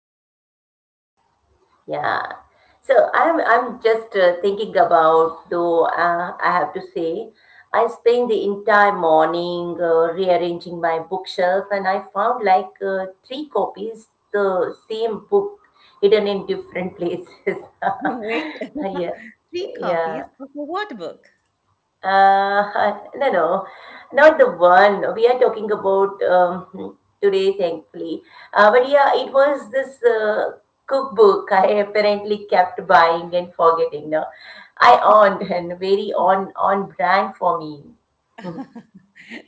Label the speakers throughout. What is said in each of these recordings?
Speaker 1: doing fine.
Speaker 2: Yeah. So I'm just thinking about though I have to say I spent the entire morning rearranging my bookshelf and I found like three copies the same book hidden in different places.
Speaker 1: Wait,
Speaker 2: yeah.
Speaker 1: three
Speaker 2: Yeah.
Speaker 1: copies of what book?
Speaker 2: No, no, not the one. We are talking about today, thankfully. But yeah, it was this cookbook I apparently kept buying and forgetting. No, I owned and very on brand for me.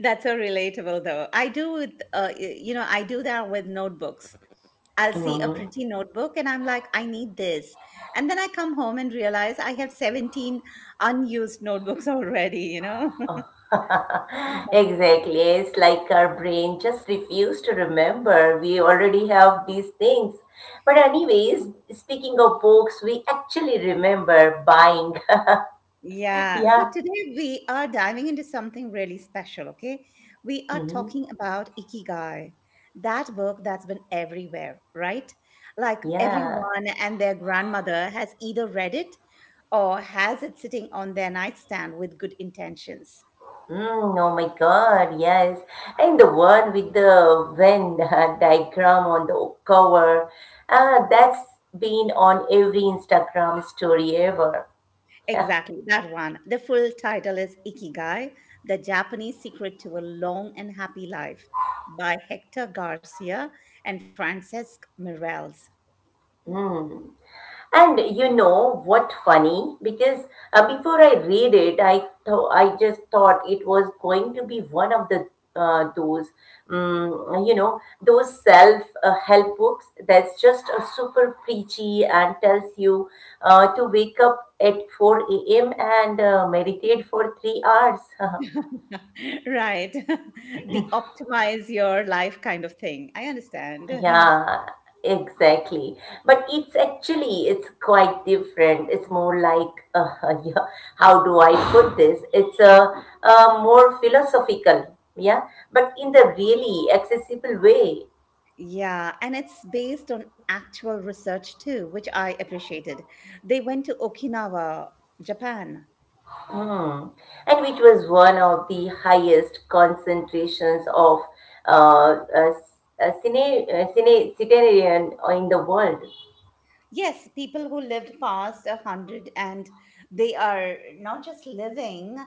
Speaker 1: That's so relatable, though. I do with, you know, I do that with notebooks. I'll see a
Speaker 2: Mhm.
Speaker 1: pretty notebook and I'm like, I need this. And then I come home and realize I have 17 unused notebooks already, you know?
Speaker 2: Exactly. It's like our brain just refused to remember. We already have these things. But anyways, speaking of books, we actually remember buying.
Speaker 1: Yeah, so
Speaker 2: Yeah.
Speaker 1: today we are diving into something really special, okay? We are
Speaker 2: Hmm.
Speaker 1: talking about Ikigai, that work that's been everywhere, right? Like
Speaker 2: Yeah.
Speaker 1: everyone and their grandmother has either read it or has it sitting on their nightstand with good intentions.
Speaker 2: Mm, oh my God. Yes. And the one with the Venn diagram on the cover, that's been on every Instagram story ever. Yeah.
Speaker 1: Exactly, that one. The full title is Ikigai, The Japanese Secret to a Long and Happy Life by Hector Garcia and Francesc Miralles.
Speaker 2: Mm. And you know what funny? Because before I read it, I just thought it was going to be one of the those you know those self help books that's just a super preachy and tells you to wake up at 4 a.m. and meditate for 3 hours.
Speaker 1: Right. The optimize your life kind of thing. I understand.
Speaker 2: Yeah, exactly. But it's actually it's quite different. It's more like yeah, how do I put this? It's a more philosophical, yeah, but in the really accessible way.
Speaker 1: Yeah, and it's based on actual research too, which I appreciated. They went to Okinawa, Japan.
Speaker 2: Mm. And which was one of the highest concentrations of uh, uh, s- centenarian in the world.
Speaker 1: Yes, people who lived past 100, and they are not just living,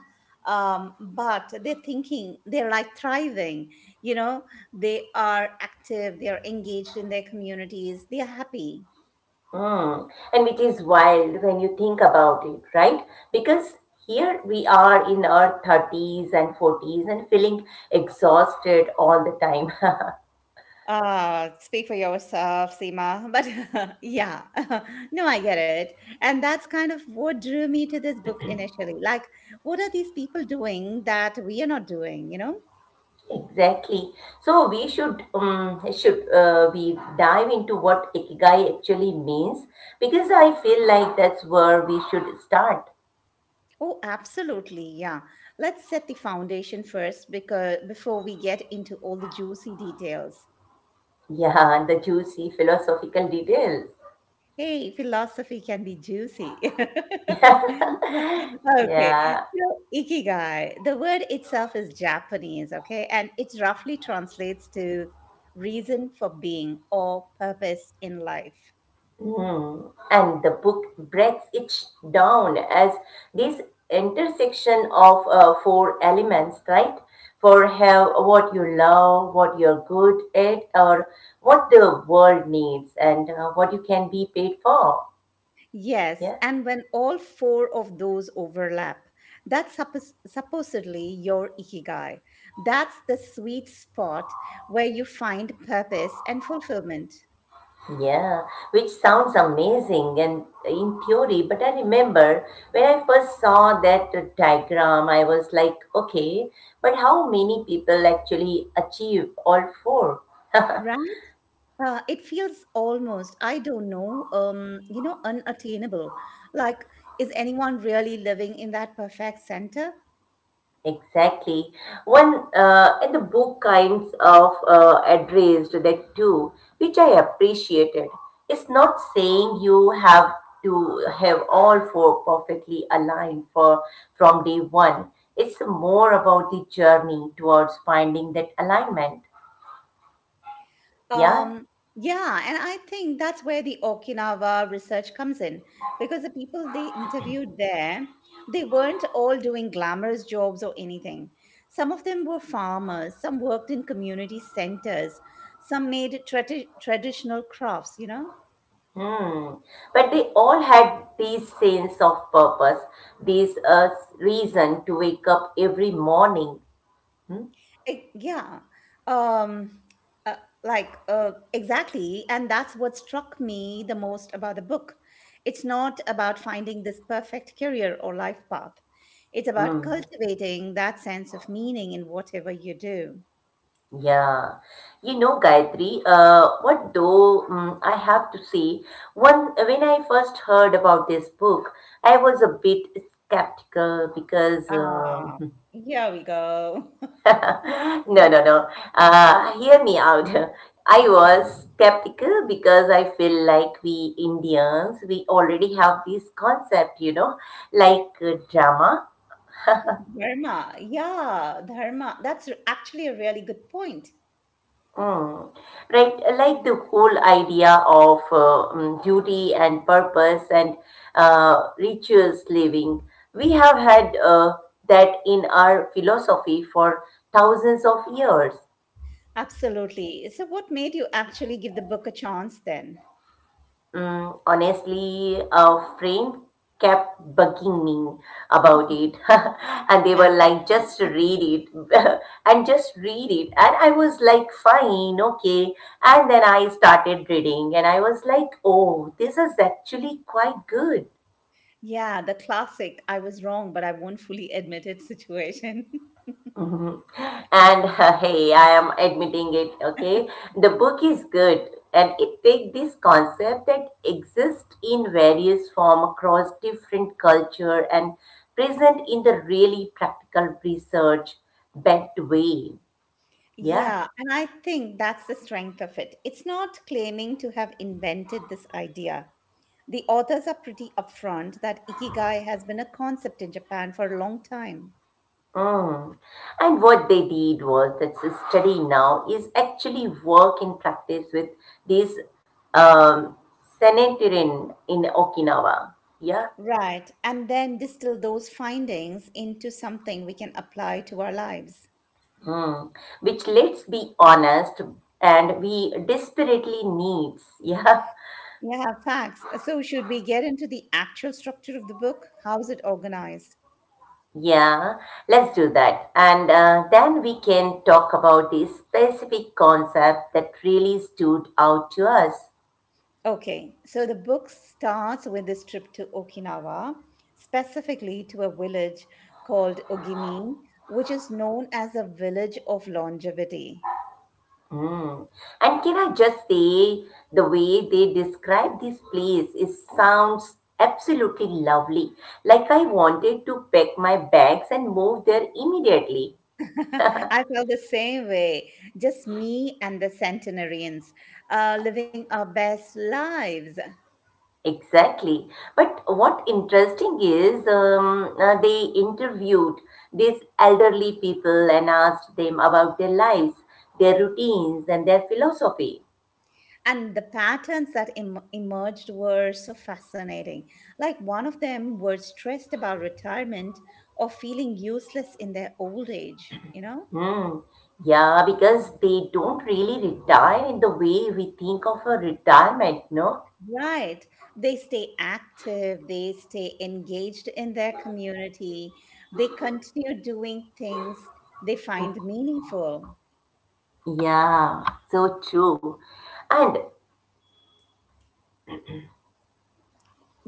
Speaker 1: but they're thinking, they're like thriving. You know, they are active, they are engaged in their communities, they are happy.
Speaker 2: Hmm. And which is wild when you think about it, right? Because here we are in our 30s and 40s and feeling exhausted all the time.
Speaker 1: Speak for yourself, Seema. But yeah, no, I get it. And that's kind of what drew me to this book initially. Like, what are these people doing that we are not doing, you know?
Speaker 2: Exactly. So we should we dive into what ikigai actually means because I feel like that's where we should start.
Speaker 1: Oh, absolutely. Yeah. Let's set the foundation first, because before we get into all the juicy details.
Speaker 2: Yeah, the juicy philosophical details.
Speaker 1: Hey, philosophy can be juicy.
Speaker 2: Yeah.
Speaker 1: Okay.
Speaker 2: Yeah.
Speaker 1: So, ikigai, the word itself is Japanese, okay? And it roughly translates to reason for being or purpose in life.
Speaker 2: Hmm. And the book breaks it down as this intersection of four elements, right? For have what you love, what you're good at, or what the world needs, and what you can be paid for.
Speaker 1: Yes.
Speaker 2: Yeah.
Speaker 1: And when all four of those overlap, that's supposedly your ikigai. That's the sweet spot where you find purpose and fulfillment.
Speaker 2: Yeah, which sounds amazing and in theory, but I remember when I first saw that diagram, I was like, okay, but how many people actually achieve all four?
Speaker 1: It feels almost, I don't know, you know, unattainable. Like, is anyone really living in that perfect center?
Speaker 2: Exactly. And the book kinds of addressed that too, which I appreciated. It's not saying you have to have all four perfectly aligned for from day one. It's more about the journey towards finding that alignment. Yeah.
Speaker 1: Um, yeah, and I think that's where the Okinawa research comes in, because the people they interviewed there, they weren't all doing glamorous jobs or anything. Some of them were farmers, some worked in community centers, some made traditional crafts, you know?
Speaker 2: Hmm. But they all had this sense of purpose, this reason to wake up every morning. Hmm.
Speaker 1: Eh, yeah um uh, exactly, and that's what struck me the most about the book. It's not about finding this perfect career or life path. It's about
Speaker 2: Hmm.
Speaker 1: cultivating that sense of meaning in whatever you do.
Speaker 2: Yeah, you know, Gayatri, what though I have to say, one when I first heard about this book, I was a bit skeptical because
Speaker 1: Ah, here we go.
Speaker 2: no, no, no. Hear me out. I
Speaker 1: Okay,
Speaker 2: was skeptical because I feel like we Indians, we already have this concept, you know, like drama.
Speaker 1: dharma, yeah, actually a really good point.
Speaker 2: Mm. Right, like the whole idea of duty and purpose and rituals living, we have had that in our philosophy for thousands of years.
Speaker 1: Absolutely, so what made you actually give the book a chance then?
Speaker 2: Mm, honestly, a friend kept bugging me about it, and they
Speaker 1: Why?
Speaker 2: were like, just read it, and just read it. And I was like, fine, okay. And then I started reading, and I was like, oh, this is actually quite good.
Speaker 1: Yeah, the classic I was wrong, but I won't fully admit it situation.
Speaker 2: Mhm. And hey, I am admitting it, okay? The book is good and it takes this concept that exists in various form across different culture and present in the really practical research backed way. Yeah.
Speaker 1: Yeah, and I think that's the strength of it. It's not claiming to have invented this idea. The authors are pretty upfront that ikigai has been a concept in Japan for a long time.
Speaker 2: Mm. And what they did was that the study now is actually work in practice with this um, sanitarian in Okinawa. Yeah.
Speaker 1: Right, and then distill those findings into something we can apply to our lives.
Speaker 2: Hmm. Which, let's be honest, and we desperately needs. Yeah,
Speaker 1: Yeah, facts. So, should we get into the actual structure of the book? How's it organized?
Speaker 2: yeah. Let's do that, and then we can talk about this specific concept that really stood out to us.
Speaker 1: Okay, so the book starts with this trip to Okinawa, specifically to a village called Ogimi, which is known as a village of longevity.
Speaker 2: Hmm. And can I just say, the way they describe this place is sounds absolutely lovely. Like I wanted to pack my bags and move there immediately.
Speaker 1: I felt the same way, just me and the centenarians living our best lives.
Speaker 2: Exactly. But what interesting is they interviewed these elderly people and asked them about their lives, their routines, and their philosophy.
Speaker 1: And the patterns that emerged were so fascinating. Like one of them was stressed about retirement or feeling useless in their old age, you know?
Speaker 2: Hmm. Yeah, because they don't really retire in the way we think of a retirement, no?
Speaker 1: Right. They stay active, they stay engaged in their community, they continue doing things they find meaningful.
Speaker 2: Yeah, so true. And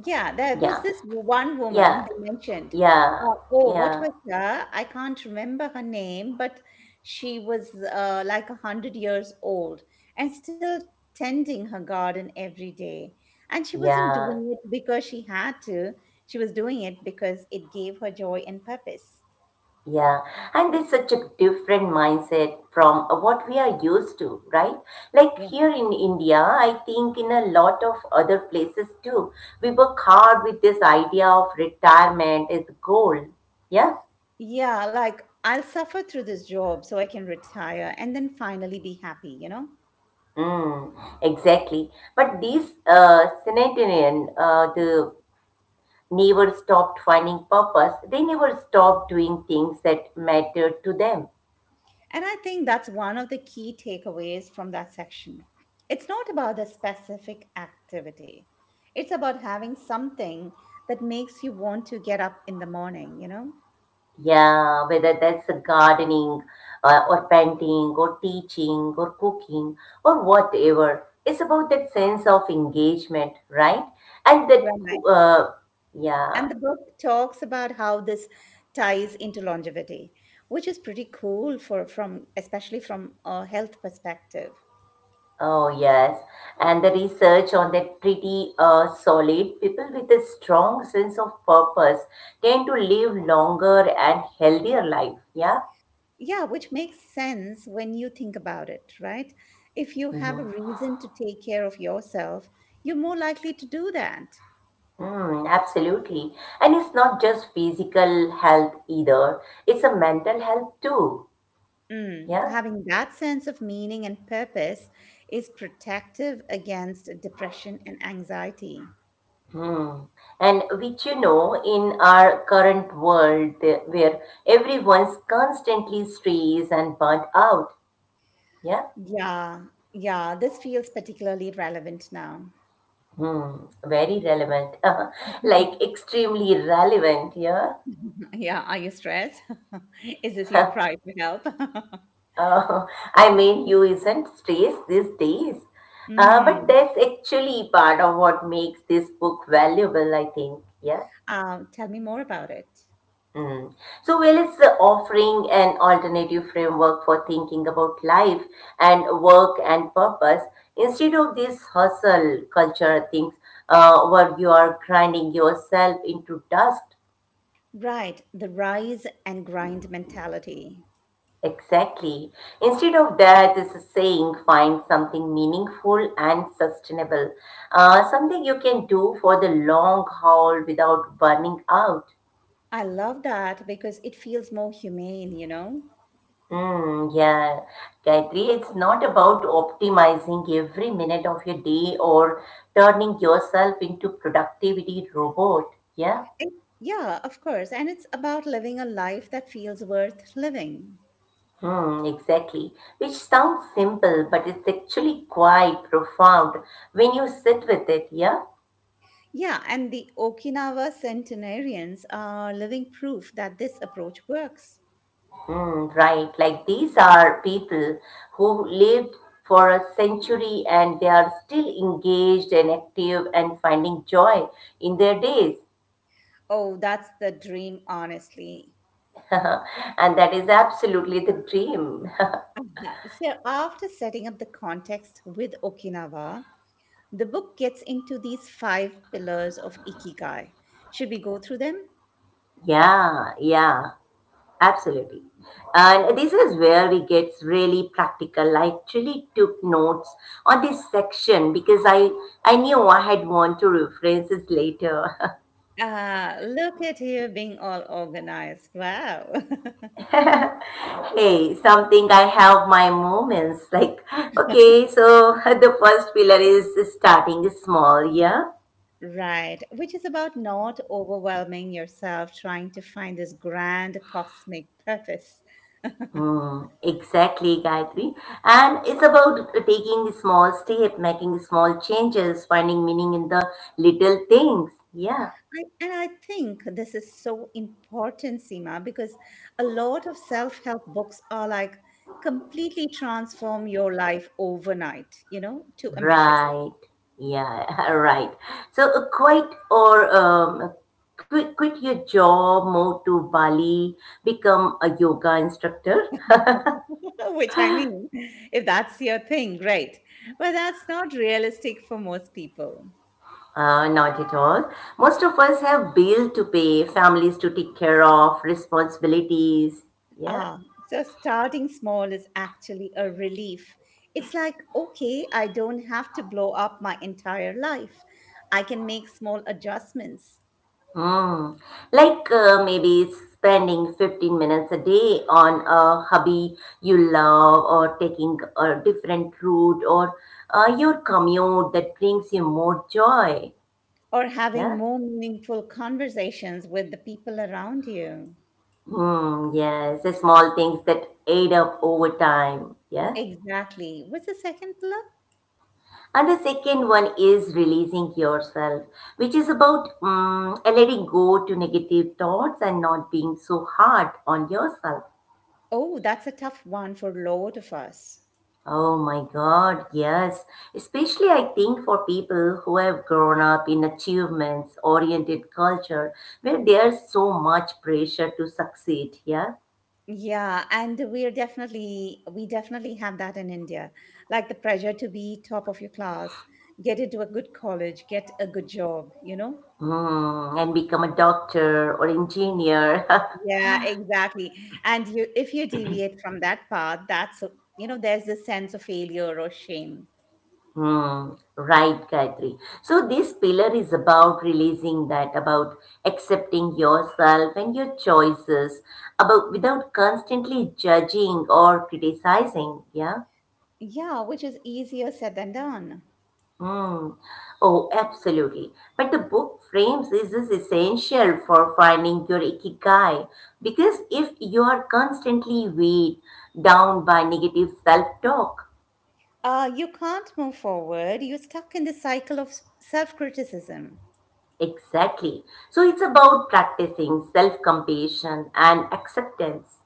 Speaker 1: Yeah, there was
Speaker 2: yeah,
Speaker 1: this one woman
Speaker 2: yeah,
Speaker 1: they mentioned.
Speaker 2: yeah,
Speaker 1: Oh, what
Speaker 2: yeah,
Speaker 1: was her? I can't remember her name, but she was like 100 years old and still tending her garden every day. And she wasn't
Speaker 2: yeah.
Speaker 1: doing it because she had to. She was doing it because it gave her joy and purpose.
Speaker 2: Yeah, and it's such a different mindset from what we are used to, right? Like here in India, I think in a lot of other places too, we work hard with this idea of retirement as the goal. Yeah,
Speaker 1: Yeah, like I'll suffer through this job so I can retire and then finally be happy, you know?
Speaker 2: mm, exactly. But these centenarian, the never stopped finding purpose. They never stopped doing things that mattered to them.
Speaker 1: And I think that's one of the key takeaways from that section. It's not about the specific activity, it's about having something that makes you want to get up in the morning, you know?
Speaker 2: Yeah, whether that's a gardening or painting or teaching or cooking or whatever, it's about that sense of engagement, right? And that,
Speaker 1: Right.
Speaker 2: co- uh,
Speaker 1: And
Speaker 2: yeah,
Speaker 1: the book talks about how this ties into longevity, which is pretty cool for from especially from a health perspective.
Speaker 2: oh yes, and the research on that pretty solid. People with a strong sense of purpose tend to live longer and healthier life. Yeah.
Speaker 1: Yeah, which makes sense when you think about it, right? If you have a reason to take care of yourself, you're more likely to do that.
Speaker 2: Mm, absolutely. And it's not just physical health either, it's a mental health too.
Speaker 1: Mm,
Speaker 2: Yeah.
Speaker 1: having that sense of meaning and purpose is protective against depression and anxiety.
Speaker 2: Hmm. And which you know, in our current world where everyone's constantly stressed and burnt out. Yeah.
Speaker 1: Yeah, yeah, this feels particularly relevant now.
Speaker 2: Hmm. Very relevant. Like extremely relevant. Yeah.
Speaker 1: Yeah, are you stressed? Is this your cry for help?
Speaker 2: Uh, I mean, you isn't stressed these days. But
Speaker 1: Mm.
Speaker 2: that's actually part of what makes this book valuable, I think. Yeah?
Speaker 1: Tell me more about it.
Speaker 2: Mm. So, well, it's offering an alternative framework for thinking about life and work and purpose instead of this hustle culture things where you are grinding yourself into dust.
Speaker 1: Right, the rise and grind mentality.
Speaker 2: Exactly. Instead of that, this is saying find something meaningful and sustainable, something you can do for the long haul without burning out.
Speaker 1: I love that because it feels more humane, you know?
Speaker 2: Hmm. Yeah, Gayatri, it's not about optimizing every minute of your day or turning yourself into productivity robot. Yeah.
Speaker 1: It, yeah, of course. And it's about living a life that feels worth living.
Speaker 2: Hmm, exactly. Which sounds simple, but it's actually quite profound when you sit with it. Yeah.
Speaker 1: Yeah, and the Okinawa centenarians are living proof that this approach works.
Speaker 2: Hmm, right. Like these are people who lived for a century and they are still engaged and active and finding joy in their days.
Speaker 1: Oh, that's the dream, honestly.
Speaker 2: And that is absolutely the dream.
Speaker 1: uh So, after setting up the context with Okinawa, the book gets into these five pillars of Ikigai. Should we go through them?
Speaker 2: Yeah, yeah, absolutely. And this is where it gets really practical. I actually took notes on this section because I knew I had want to reference this later.
Speaker 1: Ah, look at you being all organized. Wow.
Speaker 2: Hey, something I have my moments like, okay, so the first pillar is starting small, yeah.
Speaker 1: Right, which is about not overwhelming yourself trying to find this grand cosmic purpose. I,
Speaker 2: Hmm, exactly, Gayatri. And it's about taking small step, making small changes, finding meaning in the little things. Yeah,
Speaker 1: And I think this is so important, Seema, because a lot of self help books are like, completely transform your life overnight, you know, too ambitious.
Speaker 2: right. Yeah, right. So quit your job, move to Bali, become a yoga instructor.
Speaker 1: Which I mean, if that's your thing, great. But that's not realistic for most people.
Speaker 2: Not at all. Most of us have bill to pay, families to take care of, responsibilities. Yeah.
Speaker 1: Ah, so starting small is actually a relief. It's like, okay, I don't have to blow up my entire life. I can make small adjustments,
Speaker 2: Mm. Like maybe spending 15 minutes a day on a hobby you love, or taking a different route, or your commute that brings you more joy.
Speaker 1: or having
Speaker 2: Yeah.
Speaker 1: more meaningful conversations with the people around you.
Speaker 2: Hmm. Yes. The small things that add up over time. Yeah.
Speaker 1: Exactly. What's the second pillar?
Speaker 2: And the second one is releasing yourself, which is about letting go to negative thoughts and not being so hard on yourself.
Speaker 1: Oh, that's a tough one for a lot of us.
Speaker 2: Oh my God, yes. Especially, I think, for people who have grown up in achievements oriented culture where there's so much pressure to succeed, yeah?
Speaker 1: Yeah, and we definitely have that in India. Like the pressure to be top of your class, get into a good college, get a good job, you know?
Speaker 2: Mm, and become a doctor or engineer.
Speaker 1: Yeah, exactly. And you, if you deviate from that path, you know, there's this sense of failure or shame.
Speaker 2: Hmm, right, Gayatri. So, this pillar is about releasing that, about accepting yourself and your choices, about without constantly judging or criticizing, yeah?
Speaker 1: Yeah, which is easier said than done.
Speaker 2: Hmm. Oh, absolutely. But the book frames this is essential for finding your ikigai because if you are constantly weighed down by negative self-talk,
Speaker 1: You can't move forward. You're stuck in the cycle of self criticism,
Speaker 2: exactly. So it's about practicing self-compassion and acceptance.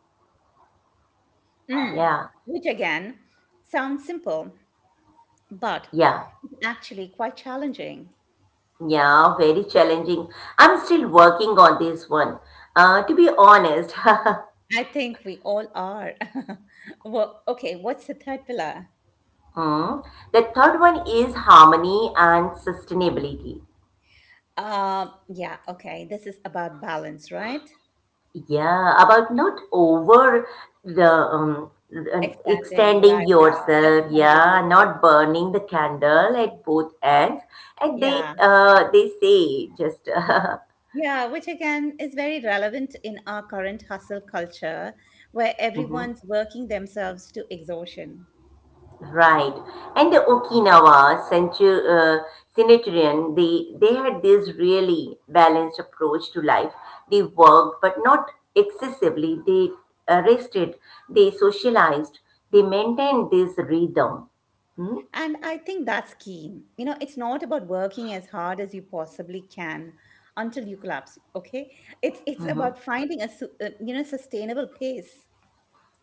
Speaker 1: mm.
Speaker 2: Yeah,
Speaker 1: Which again sounds simple, but
Speaker 2: yeah,
Speaker 1: actually quite challenging.
Speaker 2: yeah, very challenging. I'm still working on this one. To be honest,
Speaker 1: I think we all are. Well, okay, what's the third pillar?
Speaker 2: Hmm. The third one is harmony and sustainability.
Speaker 1: Yeah, okay, this is about balance, right?
Speaker 2: Yeah, about not over the and
Speaker 1: Extending, right?
Speaker 2: extending
Speaker 1: Yeah, that's the
Speaker 2: yourself.
Speaker 1: term they use.
Speaker 2: Yeah,
Speaker 1: Yeah,
Speaker 2: not burning the candle at both ends. And
Speaker 1: yeah,
Speaker 2: they say just
Speaker 1: yeah, which again is very relevant in our current hustle culture where
Speaker 2: mhm,
Speaker 1: everyone's working themselves to exhaustion.
Speaker 2: right. And the Okinawa centurion, they had this really balanced approach to life. They worked, but not excessively. They rested. They socialized. They maintained this rhythm. Hmm?
Speaker 1: And I think that's key. You know, it's not about working as hard as you possibly can until you collapse, okay? It's about finding a you know, sustainable pace.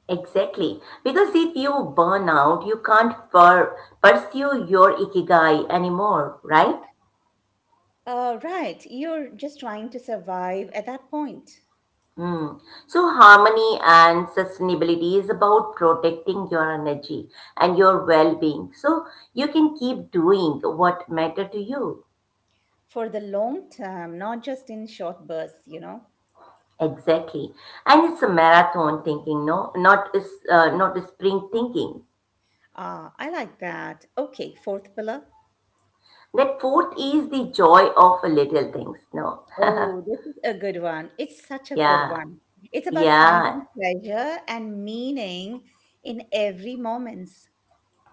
Speaker 2: Exactly. Because if you burn out, you can't pursue your ikigai anymore, right?
Speaker 1: Right, you're just trying to survive at that point,
Speaker 2: Mm. So, harmony and sustainability is about protecting your energy and your well being. So, you can keep doing what matter to you.
Speaker 1: for the long term, not just in short bursts, you know.
Speaker 2: Exactly. And it's a marathon thinking, no? Not, not a spring thinking.
Speaker 1: Ah, I like that. Okay, fourth pillar.
Speaker 2: That fourth is the joy of little things, no?
Speaker 1: Oh, this is a good one. It's such a good
Speaker 2: Yeah,
Speaker 1: one. It's about
Speaker 2: yeah.
Speaker 1: finding pleasure and meaning in every moments.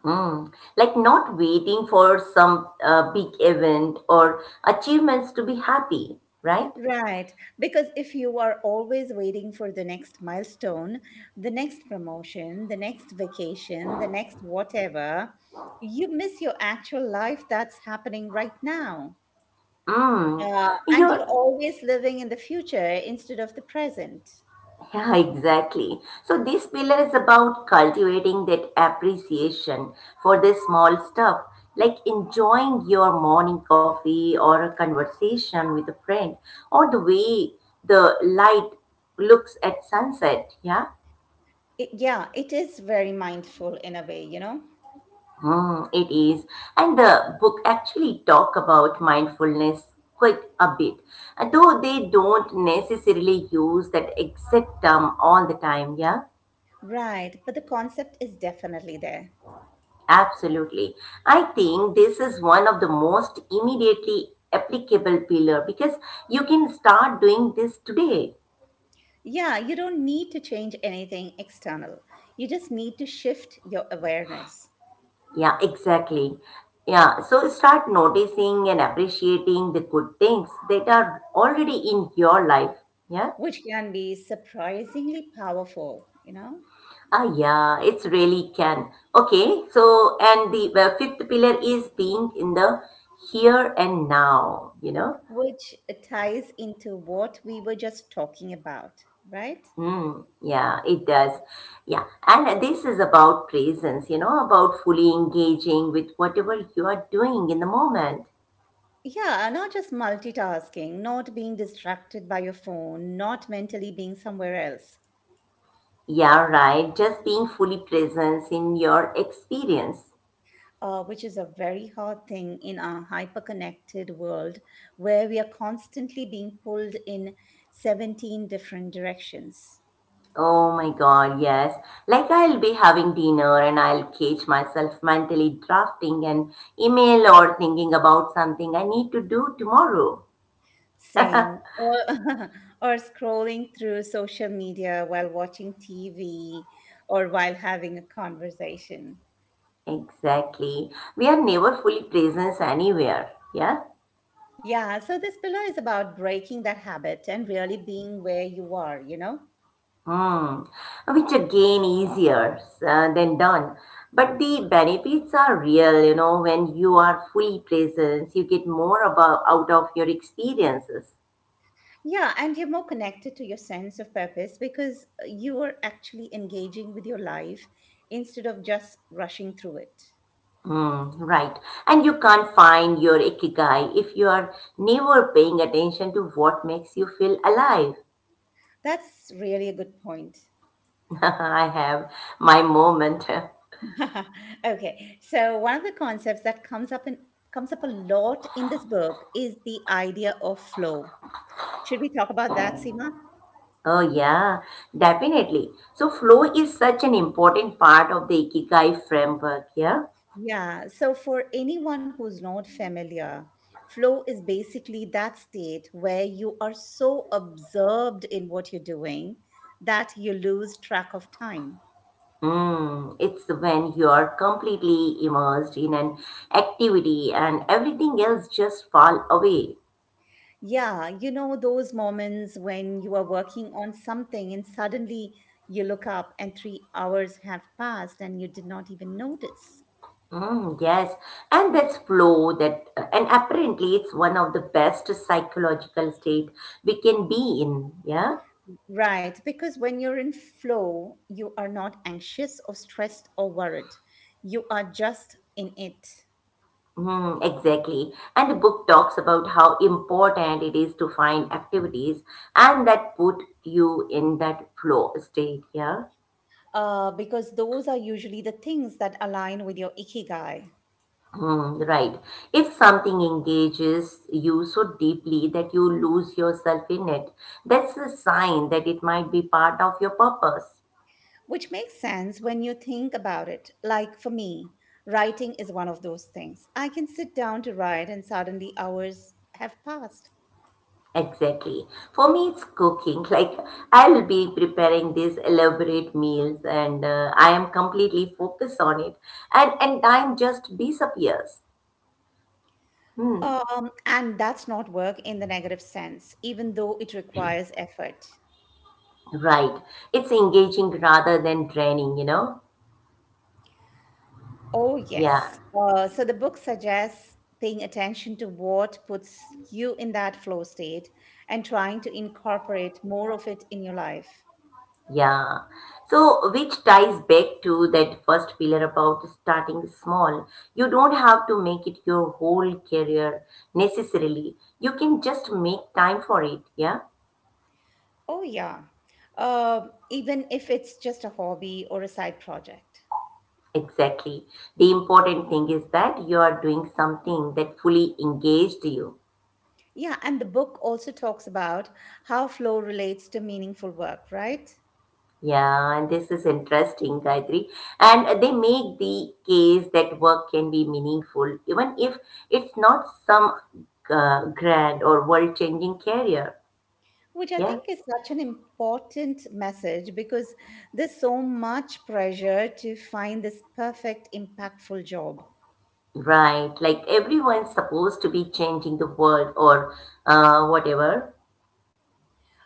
Speaker 2: Mm. Like not waiting for some big event or achievements to be happy, right?
Speaker 1: Right, because if you are always waiting for the next milestone, the next promotion, the next vacation, the next whatever, you miss your actual life that's happening right now.
Speaker 2: Mm.
Speaker 1: Yeah, and you're
Speaker 2: You're,
Speaker 1: always living in the future instead of the present.
Speaker 2: yeah, exactly. So this pillar is about cultivating that appreciation for the small stuff, like enjoying your morning coffee or a conversation with a friend, or the way the light looks at sunset. Yeah.
Speaker 1: Yeah, it is very mindful in a way, you know?
Speaker 2: Hmm, it is. And the book actually talk about mindfulness quite a bit, though they don't necessarily use that exact term all the time. Yeah,
Speaker 1: Right, but the concept is definitely there.
Speaker 2: absolutely. I think this is one of the most immediately applicable pillar because you can start doing this today.
Speaker 1: Yeah, you don't need to change anything external. You just need to shift your awareness,
Speaker 2: Yeah, exactly. Yeah, so start noticing and appreciating the good things that are already in your life. Yeah.
Speaker 1: which can be surprisingly powerful, you know,
Speaker 2: Ah, yeah, it's really can. Okay, so and the fifth pillar is being in the here and now.
Speaker 1: which ties into what we were just talking about, right?
Speaker 2: Mm, yeah, it does. Yeah, and this is about presence, about fully engaging with whatever you are doing in the moment.
Speaker 1: Yeah, not just multitasking, not being distracted by your phone, not mentally being somewhere else,
Speaker 2: Yeah, right. Just being fully present in your experience.
Speaker 1: which is a very hard thing in our hyperconnected world where we are constantly being pulled in 17 different directions.
Speaker 2: Oh my God, yes. Like I'll be having dinner and I'll catch myself mentally drafting an email or thinking about something I need to do tomorrow.
Speaker 1: Same. Or, or scrolling through social media while watching TV or while having a conversation.
Speaker 2: Exactly. We are never fully present anywhere. Yeah?
Speaker 1: Yeah, so this pillow is about breaking that habit and really being where you are, you know?
Speaker 2: Hmm. Which again easier than done. But the benefits are real, when you are fully present, you get more about out of your experiences.
Speaker 1: Yeah, and you're more connected to your sense of purpose because you are actually engaging with your life instead of just rushing through it.
Speaker 2: Mm, right. And you can't find your ikigai if you are never paying attention to what makes you feel alive.
Speaker 1: That's really a good point.
Speaker 2: I have my moment.
Speaker 1: Okay. So one of the concepts that comes up a lot in this book is the idea of flow. Should we talk about that, Seema?
Speaker 2: Oh, yeah, definitely. So, flow is such an important part of the ikigai framework, yeah?
Speaker 1: Yeah. So for anyone who's not familiar, flow is basically that state where you are so absorbed in what you're doing that you lose track of time.
Speaker 2: Mm, it's when you are completely immersed in an activity and everything else just fall away.
Speaker 1: Yeah, you know, those moments when you are working on something and suddenly you look up and 3 hours have passed and you did not even notice.
Speaker 2: Mm, yes, and that's flow that, and apparently it's one of the best psychological state we can be in. Yeah,
Speaker 1: Right, because when you're in flow, you are not anxious or stressed or worried. You are just in it.
Speaker 2: mm, exactly. And the book talks about how important it is to find activities and that put you in that flow state. Yeah.
Speaker 1: Because those are usually the things that align with your ikigai.
Speaker 2: Hmm, right. If something engages you so deeply that you lose yourself in it, that's a sign that it might be part of your purpose.
Speaker 1: Which makes sense when you think about it. Like for me, writing is one of those things. I can sit down to write and suddenly hours have passed.
Speaker 2: Exactly. For me, it's cooking. Like, I'll be preparing these elaborate meals and I am completely focused on it. And time just disappears. Hmm.
Speaker 1: And that's not work in the negative sense, even though it requires effort.
Speaker 2: Right. It's engaging rather than draining, you know?
Speaker 1: Oh,
Speaker 2: Yeah.
Speaker 1: yes. So the book suggests paying attention to what puts you in that flow state and trying to incorporate more of it in your life.
Speaker 2: Yeah. So, which ties back to that first pillar about starting small. You don't have to make it your whole career necessarily. You can just make time for it. Yeah.
Speaker 1: Oh, yeah. Even if it's just a hobby or a side project.
Speaker 2: Exactly. The important thing is that you are doing something that fully engaged you.
Speaker 1: Yeah, and the book also talks about how flow relates to meaningful work, right?
Speaker 2: Yeah, and this is interesting, Gayatri. And they make the case that work can be meaningful, even if it's not some grand or world-changing career.
Speaker 1: Which I
Speaker 2: Yeah,
Speaker 1: think is such an important message because there's so much pressure to find this perfect, impactful job.
Speaker 2: right. Like everyone's supposed to be changing the world or whatever.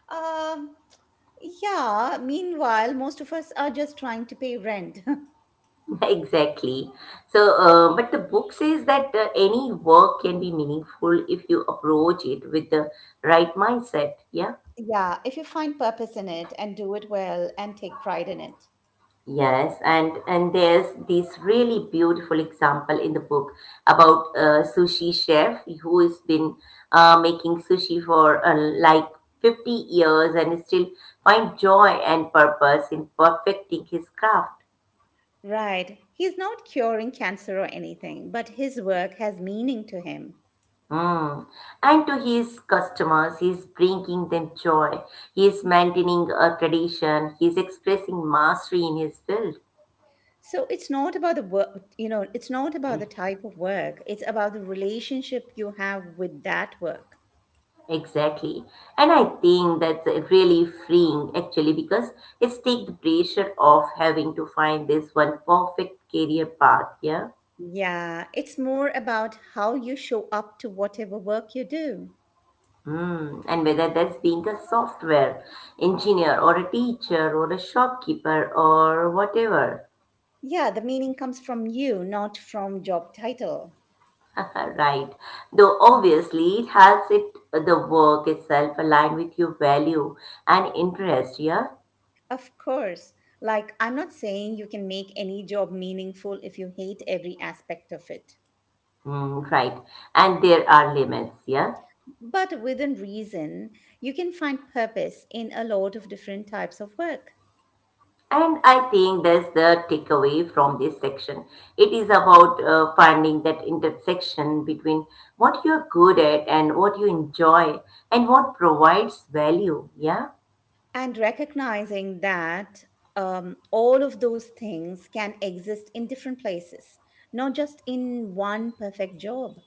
Speaker 1: Um, yeah, meanwhile, most of us are just trying to pay rent.
Speaker 2: Exactly. So, but the book says that any work can be meaningful if you approach it with the right mindset. Yeah.
Speaker 1: Yeah, if you find purpose in it and do it well and take pride in it.
Speaker 2: Yes, and there's this really beautiful example in the book about a sushi chef who has been making sushi for like 50 years and still find joy and purpose in perfecting his craft.
Speaker 1: Right. He's not curing cancer or anything, but his work has meaning to him.
Speaker 2: Mm. And to his customers, he is bringing them joy. He is maintaining a tradition. He is expressing mastery in his field.
Speaker 1: So it's not about the work, you know, it's not about the type of work. It's about the relationship you have with that work.
Speaker 2: Exactly. And I think that's really freeing actually because it's take the pressure off having to find this one perfect career path. Yeah.
Speaker 1: Yeah, it's more about how you show up to whatever work you do.
Speaker 2: Mm. And whether that's being a software engineer or a teacher or a shopkeeper or whatever.
Speaker 1: Yeah, the meaning comes from you, not from job title.
Speaker 2: Right. Though
Speaker 1: Mhm.
Speaker 2: obviously it helps it the work itself align with your value and interest, yeah?
Speaker 1: Of course. Like, I'm not saying you can make any job meaningful if you hate every aspect of it.
Speaker 2: Mm, right. And there are limits, yeah?
Speaker 1: But within reason, you can find purpose in a lot of different types of work.
Speaker 2: And I think that's the takeaway from this section. It is about finding that intersection between what you're good at and what you enjoy and what provides value, yeah?
Speaker 1: And recognizing that all of those things can exist in different places, not just in one perfect job.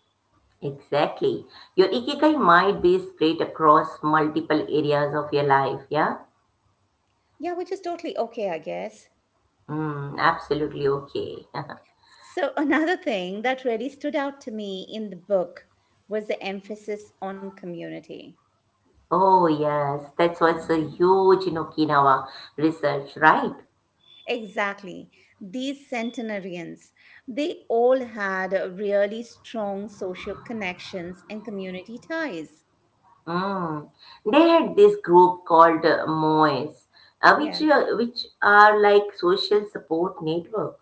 Speaker 2: Exactly. Your ikigai might be spread across multiple areas of your life, yeah?
Speaker 1: Yeah, which is totally okay, I guess.
Speaker 2: Mm, absolutely okay.
Speaker 1: So, another thing that really stood out to me in the book was the emphasis on community.
Speaker 2: Oh, yes, that's what's a huge in Okinawa research, right?
Speaker 1: Exactly. These centenarians, they all had really strong social connections and community ties.
Speaker 2: Mm. They had this group called MOIS,
Speaker 1: Yeah.
Speaker 2: which are like social support network.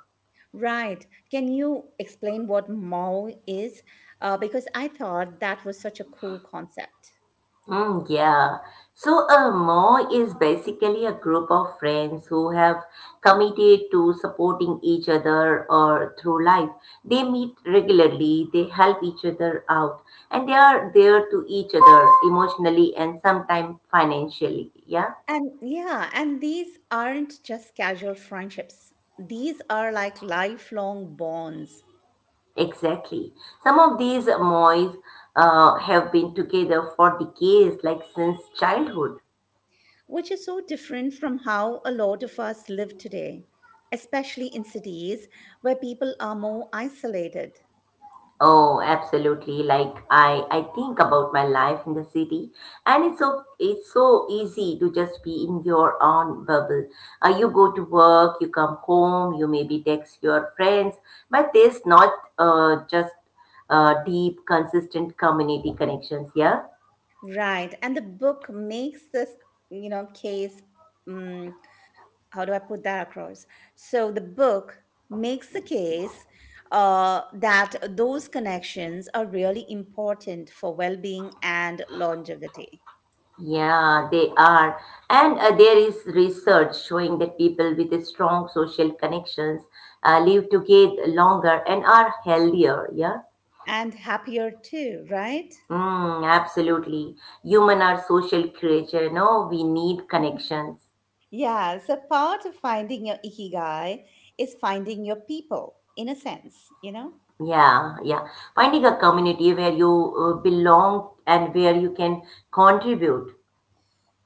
Speaker 1: Right. Can you explain what Mao is? Because I thought that was such a cool concept.
Speaker 2: Mm, yeah. So a Moy is basically a group of friends who have committed to supporting each other or through life. They meet regularly, they help each other out, and they are there to each other emotionally and sometimes financially. Yeah,
Speaker 1: And yeah, and these aren't just casual friendships. These are like lifelong bonds.
Speaker 2: exactly. Some of these mois have been together for decades, like since childhood.
Speaker 1: Which is so different from how a lot of us live today, especially in cities where people are more isolated.
Speaker 2: Oh, absolutely. Like I think about my life in the city, and it's so easy to just be in your own bubble. You go to work, you come home, you maybe text your friends, but there's not just deep, consistent community connections. Yeah,
Speaker 1: Right. And the book makes this, you know, case. mm, how do I put that across? So the book makes the case that those connections are really important for well being and longevity,
Speaker 2: yeah, they are, and there is research showing that people with a strong social connections live together longer and are healthier. Yeah.
Speaker 1: and happier too, right?
Speaker 2: Mm, absolutely. Human are social creature, no? We need connections.
Speaker 1: Yeah, so part of finding your ikigai is finding your people in a sense, you know?
Speaker 2: Yeah, yeah. Finding a community where you belong and where you can contribute.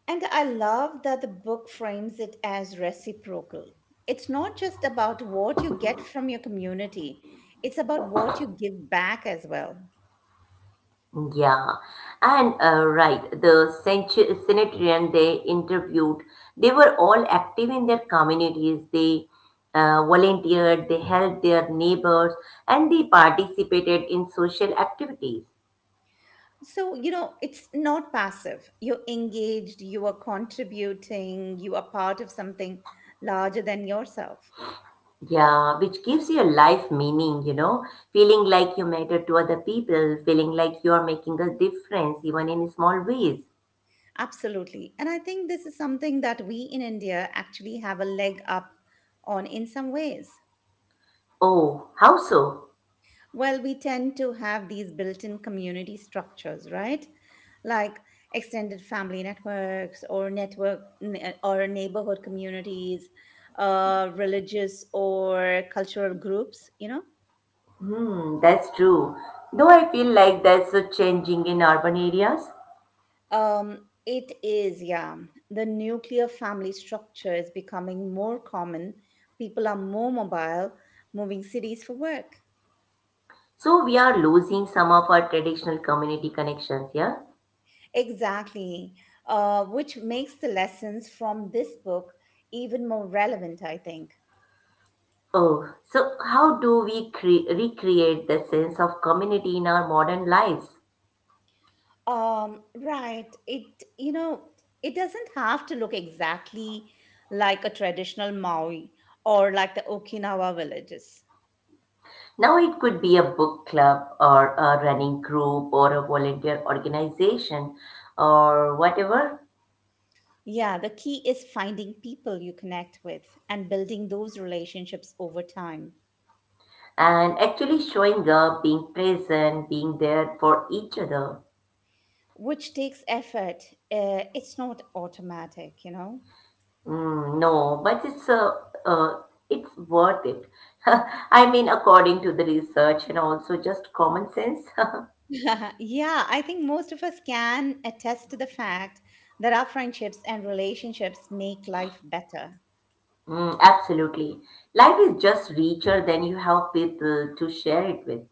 Speaker 1: And I love that the book frames it as reciprocal. It's not just about what you get from your community, it's about what you give back as well.
Speaker 2: Yeah. And right, the centenarian they interviewed, they were all active in their communities. They volunteered, they helped their neighbors, and they participated in social activities.
Speaker 1: So, you know, it's not passive. You're engaged, you are contributing, you are part of something larger than yourself.
Speaker 2: Yeah, which gives your life meaning, feeling like you matter to other people, feeling like you are making a difference even in small ways.
Speaker 1: Absolutely. And I think this is something that we in India actually have a leg up on in some ways.
Speaker 2: Oh, how so?
Speaker 1: Well, we tend to have these built in community structures, right? Like extended family networks or network or neighborhood communities, religious or cultural groups, you know?
Speaker 2: Hmm, that's true. Though I feel like that's a changing in urban areas.
Speaker 1: It is, yeah. The nuclear family structure is becoming more common. People are more mobile, moving cities for work.
Speaker 2: So we are losing some of our traditional community connections, yeah?
Speaker 1: Exactly, which makes the lessons from this book even more relevant, I think.
Speaker 2: Oh, so how do we recreate the sense of community in our modern lives?
Speaker 1: Right. It, you know, it doesn't have to look exactly like a traditional Maui or like the Okinawa villages.
Speaker 2: Now, it could be a book club or a running group or a volunteer organization or whatever.
Speaker 1: Yeah, the key is finding people you connect with and building those relationships over time,
Speaker 2: And actually showing up, being present, being there for each other.
Speaker 1: which takes effort. It's not automatic, you know?
Speaker 2: Mm, no, but uh, it's worth it. I mean, according to the research and also just common sense.
Speaker 1: Yeah, I think most of us can attest to the fact that our friendships and relationships make life better.
Speaker 2: Mm, absolutely. Life is just richer than you have people to share it with.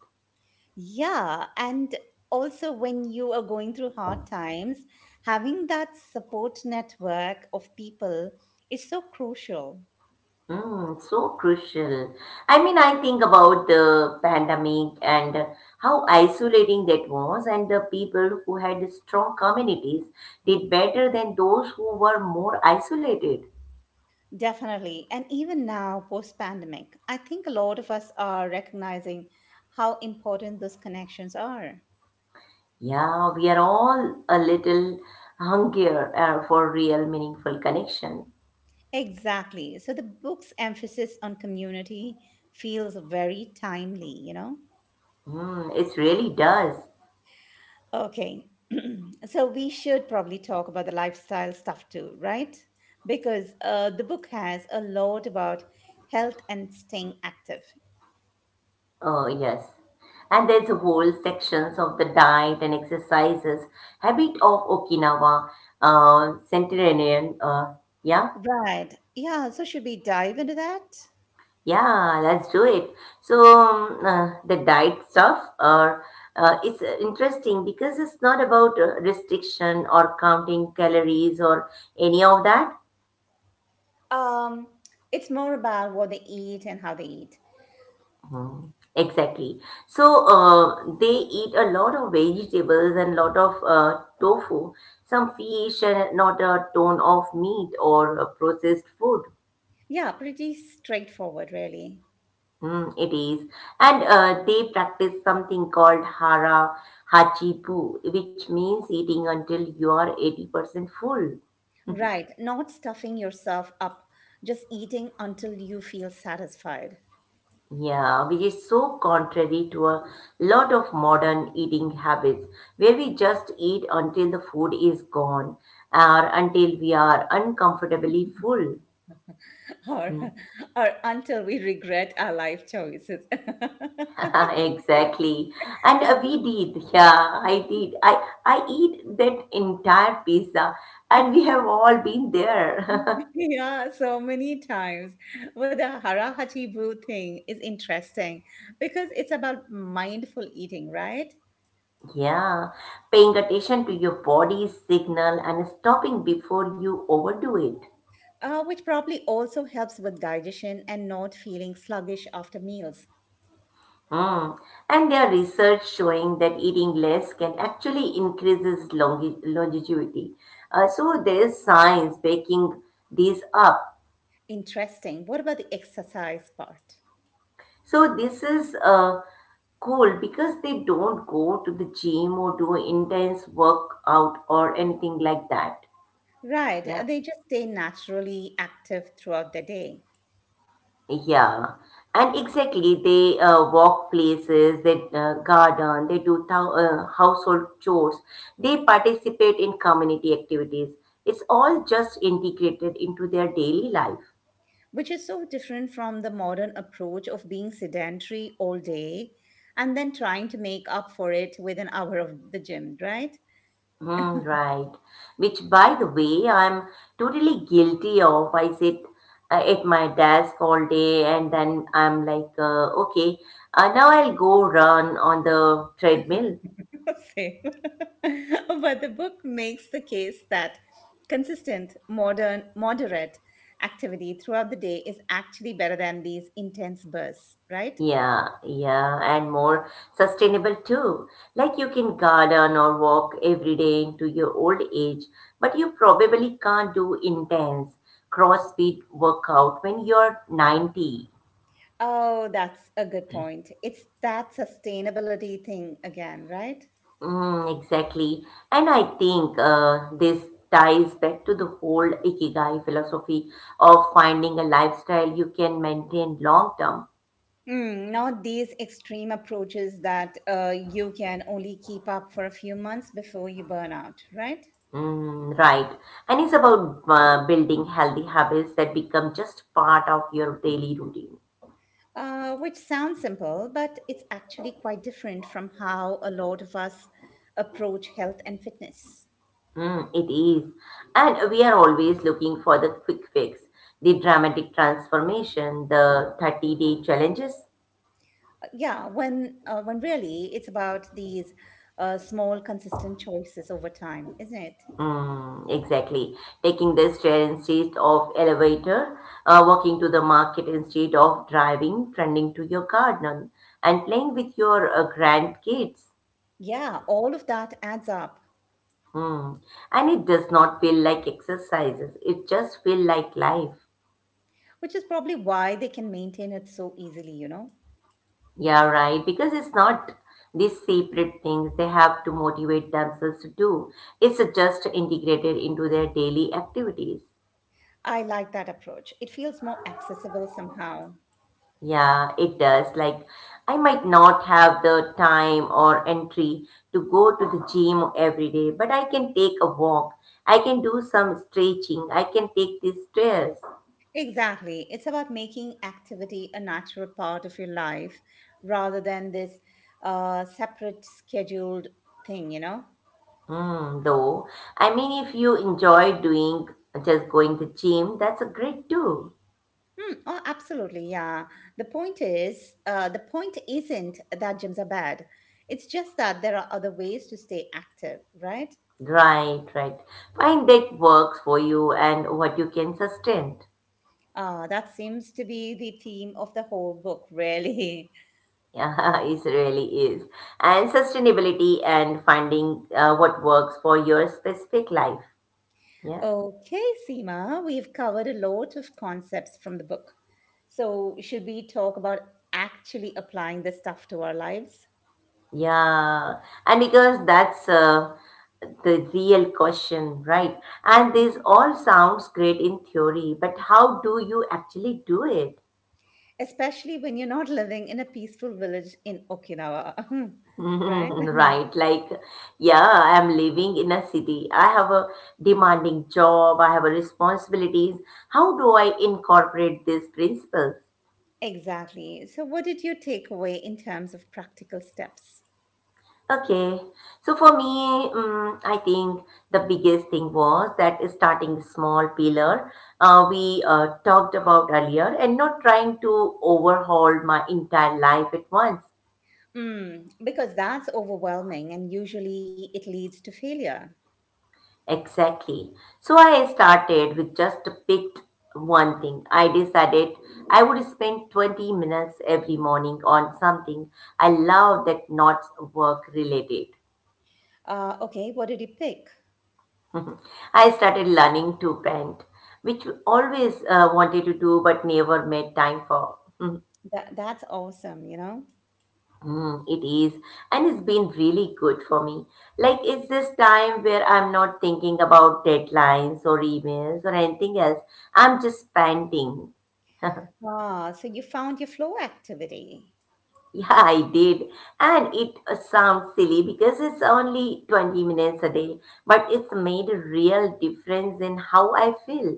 Speaker 1: Yeah, and also when you are going through hard times, having that support network of people is so crucial.
Speaker 2: Mm, so crucial. I mean, I think about the pandemic and how isolating that was, and the people who had strong communities did better than those who were more isolated.
Speaker 1: Definitely. And even now, post pandemic, I think a lot of us are recognizing how important those connections are.
Speaker 2: Yeah, we are all a little hungrier for real meaningful connection.
Speaker 1: Exactly. So the book's emphasis on community feels very timely, you know?
Speaker 2: Mm, it really does.
Speaker 1: Okay. So we should probably talk about the lifestyle stuff too, right? Because the book has a lot about health and staying active.
Speaker 2: Oh, yes. And there's a whole sections of the diet and exercises habit of Okinawa, Centenarian. Yeah,
Speaker 1: Right. Yeah. So should we dive into that?
Speaker 2: yeah, let's do it. So the diet stuff are it's interesting because it's not about restriction or counting calories or any of that.
Speaker 1: Um, it's more about what they eat and how they eat.
Speaker 2: Mhm. Exactly. So they eat a lot of vegetables and lot of tofu, some fish, and not a ton of meat or processed food.
Speaker 1: Yeah, pretty straightforward, really.
Speaker 2: Mm, it is. And they practice something called hara hachipu, which means eating until you are 80% full.
Speaker 1: Right, not stuffing yourself up, just eating until you feel satisfied.
Speaker 2: Yeah, which is so contrary to a lot of modern eating habits where we just eat until the food is gone or until we are uncomfortably full.
Speaker 1: Or,
Speaker 2: Hmm.
Speaker 1: or until we regret our life choices.
Speaker 2: Exactly. And we did. Yeah, I did. I eat that entire pizza and we have all been there.
Speaker 1: Yeah, so many times. But the Hara Hachibu thing is interesting because it's about mindful eating, right?
Speaker 2: Yeah, paying attention to your body's signal and stopping before you overdo it.
Speaker 1: Which probably also helps with digestion and not feeling sluggish after meals.
Speaker 2: Mm. And there are research showing that eating less can actually increases longevity. So there is science backing these up.
Speaker 1: Interesting. What about the exercise part?
Speaker 2: So this is cool because they don't go to the gym or do intense workout or anything like that.
Speaker 1: Right,
Speaker 2: Yeah.
Speaker 1: they just stay naturally active throughout the day,
Speaker 2: Yeah, and exactly. They walk places, they garden, they do household chores, they participate in community activities. It's all just integrated into their daily life.
Speaker 1: which is so different from the modern approach of being sedentary all day and then trying to make up for it with an hour of the gym, right?
Speaker 2: Hmm, right. Which, by the way, I'm totally guilty of. I sit at my desk all day and then I'm like, okay, now I'll go run on the treadmill.
Speaker 1: Same. But the book makes the case that consistent, modern, moderate activity throughout the day is actually better than these intense bursts, right?
Speaker 2: Yeah, yeah, and more sustainable too. Like you can garden or walk every day into your old age, but you probably can't do intense CrossFit workout when you're 90.
Speaker 1: Oh, that's a good point. It's that sustainability thing again, right?
Speaker 2: Mm, exactly. And I think this ties back to the whole Ikigai philosophy of finding a lifestyle you can maintain long term.
Speaker 1: Mm, not these extreme approaches that you can only keep up for a few months before you burn out, right?
Speaker 2: Mm, right. And it's about building healthy habits that become just part of your daily routine.
Speaker 1: Which sounds simple, but it's actually quite different from how a lot of us approach health and fitness.
Speaker 2: Mm, it is. And we are always looking for the quick fix, the dramatic transformation, the 30-day challenges.
Speaker 1: Yeah, when really it's about these small, consistent choices over time, isn't it?
Speaker 2: Mm, exactly. Taking the stair instead of elevator, walking to the market instead of driving, friending to your garden, and playing with your grandkids.
Speaker 1: Yeah, all of that adds up,
Speaker 2: Hmm. And it does not feel like exercises. It just feel like life.
Speaker 1: which is probably why they can maintain it so easily. You know,
Speaker 2: Yeah, right. Because it's not these separate things they have to motivate themselves to do. It's just integrated into their daily activities.
Speaker 1: I like that approach. It feels more accessible somehow.
Speaker 2: Yeah, it does. Like I might not have the time or entry to go to the gym every day, but I can take a walk. I can do some stretching. I can take these stairs.
Speaker 1: Exactly. It's about making activity a natural part of your life rather than this separate scheduled thing, you know?
Speaker 2: Hmm. Though, I mean, if you enjoy doing just going to gym, that's a great too.
Speaker 1: Hmm, oh, absolutely. Yeah. The point isn't that gyms are bad. It's just that there are other ways to stay active, right?
Speaker 2: Right, right. Find that works for you and what you can sustain.
Speaker 1: That seems to be the theme of the whole book, really.
Speaker 2: Yeah, it really is. And sustainability and finding what works for your specific life. Yeah,
Speaker 1: Okay, Seema, we've covered a lot of concepts from the book. So, should we talk about actually applying this stuff to our lives?
Speaker 2: yeah. And because that's the real question, right? And this all sounds great in theory, but how do you actually do it?
Speaker 1: Especially when you're not living in a peaceful village in Okinawa, right?
Speaker 2: Mhm, right, like, yeah, I'm living in a city. I have a demanding job, I have a responsibilities. How do I incorporate these principles?
Speaker 1: Exactly. So, what did you take away in terms of practical steps?
Speaker 2: Okay, so for me, I think the biggest thing was that starting small pillar we talked about earlier and not trying to overhaul my entire life at once.
Speaker 1: Mm, because that's overwhelming and usually it leads to failure.
Speaker 2: Exactly. So I started with just picked one thing. I decided I would spend 20 minutes every morning on something I love that not work related.
Speaker 1: Okay, what did you pick?
Speaker 2: I started learning to paint, which always wanted to do but never made time for.
Speaker 1: That, that's awesome, you know?
Speaker 2: Mm, it is, and it's been really good for me. Like, it's this time where I'm not thinking about deadlines or emails or anything else. I'm just panting.
Speaker 1: Ah, so you found your flow activity.
Speaker 2: Yeah, I did. And it sounds silly because it's only 20 minutes a day, but it's made a real difference in how I feel.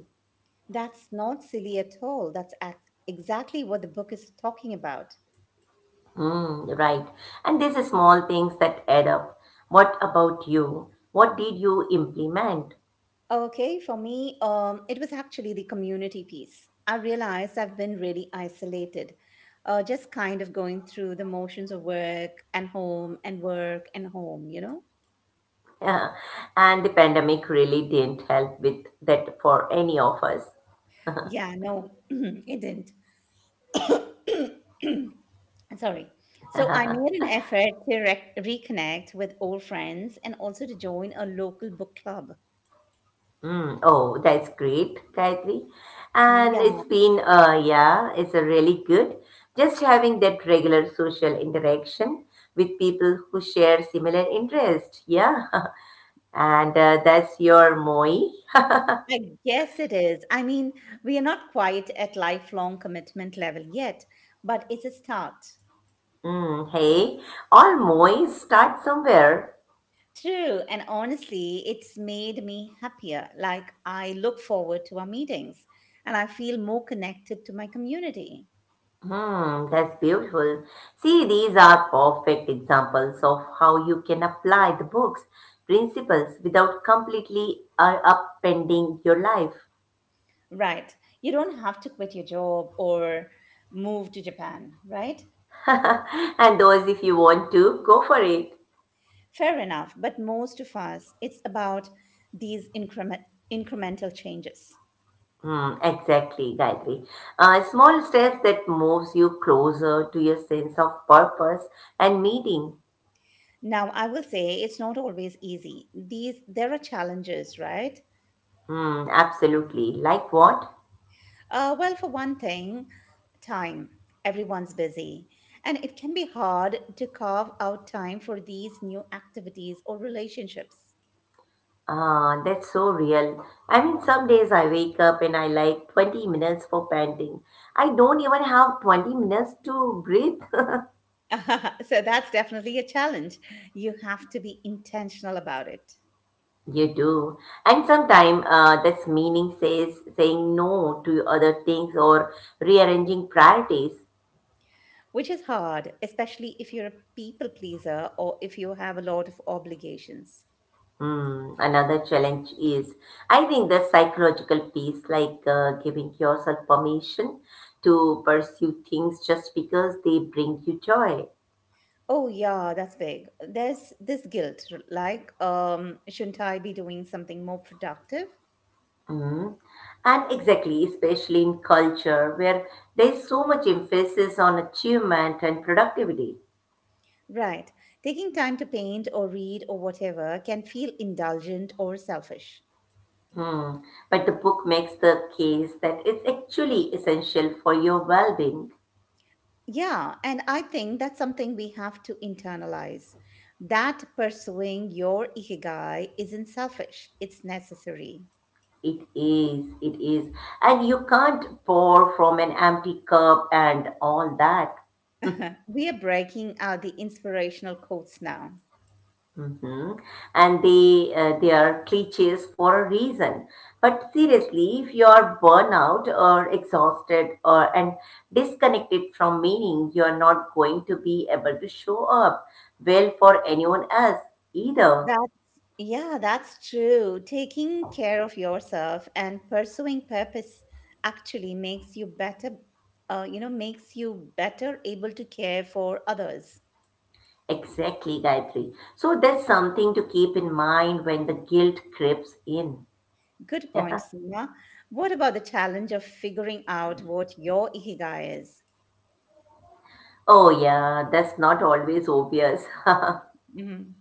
Speaker 1: That's not silly at all. Exactly what the book is talking about.
Speaker 2: Mm, right. And these are small things that add up. What about you? What did you implement?
Speaker 1: Okay, for me, it was actually the community piece. I realized I've been really isolated, just kind of going through the motions of work and home and work and home, you know?
Speaker 2: Yeah, and the pandemic really didn't help with that for any of us.
Speaker 1: Yeah, no, it didn't. Sorry. So I made an effort to reconnect with old friends and also to join a local book club.
Speaker 2: Mm, oh, that's great, Gayatri. And
Speaker 1: Yeah,
Speaker 2: it's been, yeah, it's a really good. Just having that regular social interaction with people who share similar interests. Yeah. And that's your Moi.
Speaker 1: I guess it is. I mean, we are not quite at lifelong commitment level yet, but it's a start.
Speaker 2: Mm, hey, all Moi start somewhere.
Speaker 1: True, and honestly, it's made me happier. Like, I look forward to our meetings and I feel more connected to my community.
Speaker 2: Hmm, that's beautiful. See, these are perfect examples of how you can apply the book's principles without completely upending your life.
Speaker 1: Right. You don't have to quit your job or move to Japan, right?
Speaker 2: And those, if you want to, go for it.
Speaker 1: Fair enough, but most of us, it's about these incremental changes.
Speaker 2: Hmm, exactly, Gayatri. Small steps that moves you closer to your sense of purpose and meaning.
Speaker 1: Now, I will say it's not always easy. These there are challenges, right?
Speaker 2: Hmm, absolutely. Like what?
Speaker 1: Well, for one thing, time. Everyone's busy, and it can be hard to carve out time for these new activities or relationships.
Speaker 2: Ah, that's so real. I mean, some days I wake up and I like 20 minutes for panting. I don't even have 20 minutes to breathe.
Speaker 1: So that's definitely a challenge. You have to be intentional about it.
Speaker 2: You do. And sometimes that's meaning says saying no to other things or rearranging priorities.
Speaker 1: Which is hard, especially if you're a people pleaser or if you have a lot of obligations.
Speaker 2: Hmm, another challenge is, I think, the psychological piece, like giving yourself permission to pursue things just because they bring you joy.
Speaker 1: Oh, yeah, that's big. There's this guilt, like, shouldn't I be doing something more productive?
Speaker 2: Mm. And exactly, especially in culture where there is so much emphasis on achievement and productivity.
Speaker 1: Right. Taking time to paint or read or whatever can feel indulgent or selfish.
Speaker 2: Hmm. But the book makes the case that it's actually essential for your well being.
Speaker 1: Yeah, and I think that's something we have to internalize. That pursuing your ikigai isn't selfish, it's necessary.
Speaker 2: It is, it is. And you can't pour from an empty cup and all that.
Speaker 1: Uh-huh. We are breaking out the inspirational quotes now.
Speaker 2: Mhm. And they are cliches for a reason. But seriously, if you are burnout or exhausted or and disconnected from meaning, you are not going to be able to show up well for anyone else either.
Speaker 1: Yeah, that's true. Taking care of yourself and pursuing purpose actually makes you better, you know, makes you better able to care for others.
Speaker 2: Exactly, Gayatri. So that's something to keep in mind when the guilt creeps in.
Speaker 1: Good point, Seema. What about the challenge of figuring out what your ikigai is?
Speaker 2: Oh yeah, that's not always obvious.
Speaker 1: Mhm.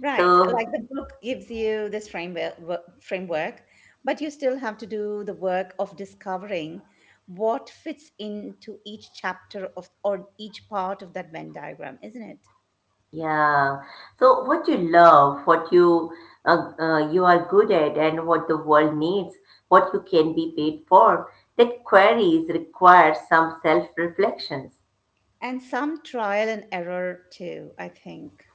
Speaker 1: Right. Like the
Speaker 2: So
Speaker 1: book gives you this framework, but you still have to do the work of discovering what fits into each chapter of or each part of that Venn diagram, isn't it?
Speaker 2: Yeah. So what you love, what you you are good at, and what the world needs, what you can be paid for, that queries require some self-reflections.
Speaker 1: And some trial and error too, I think.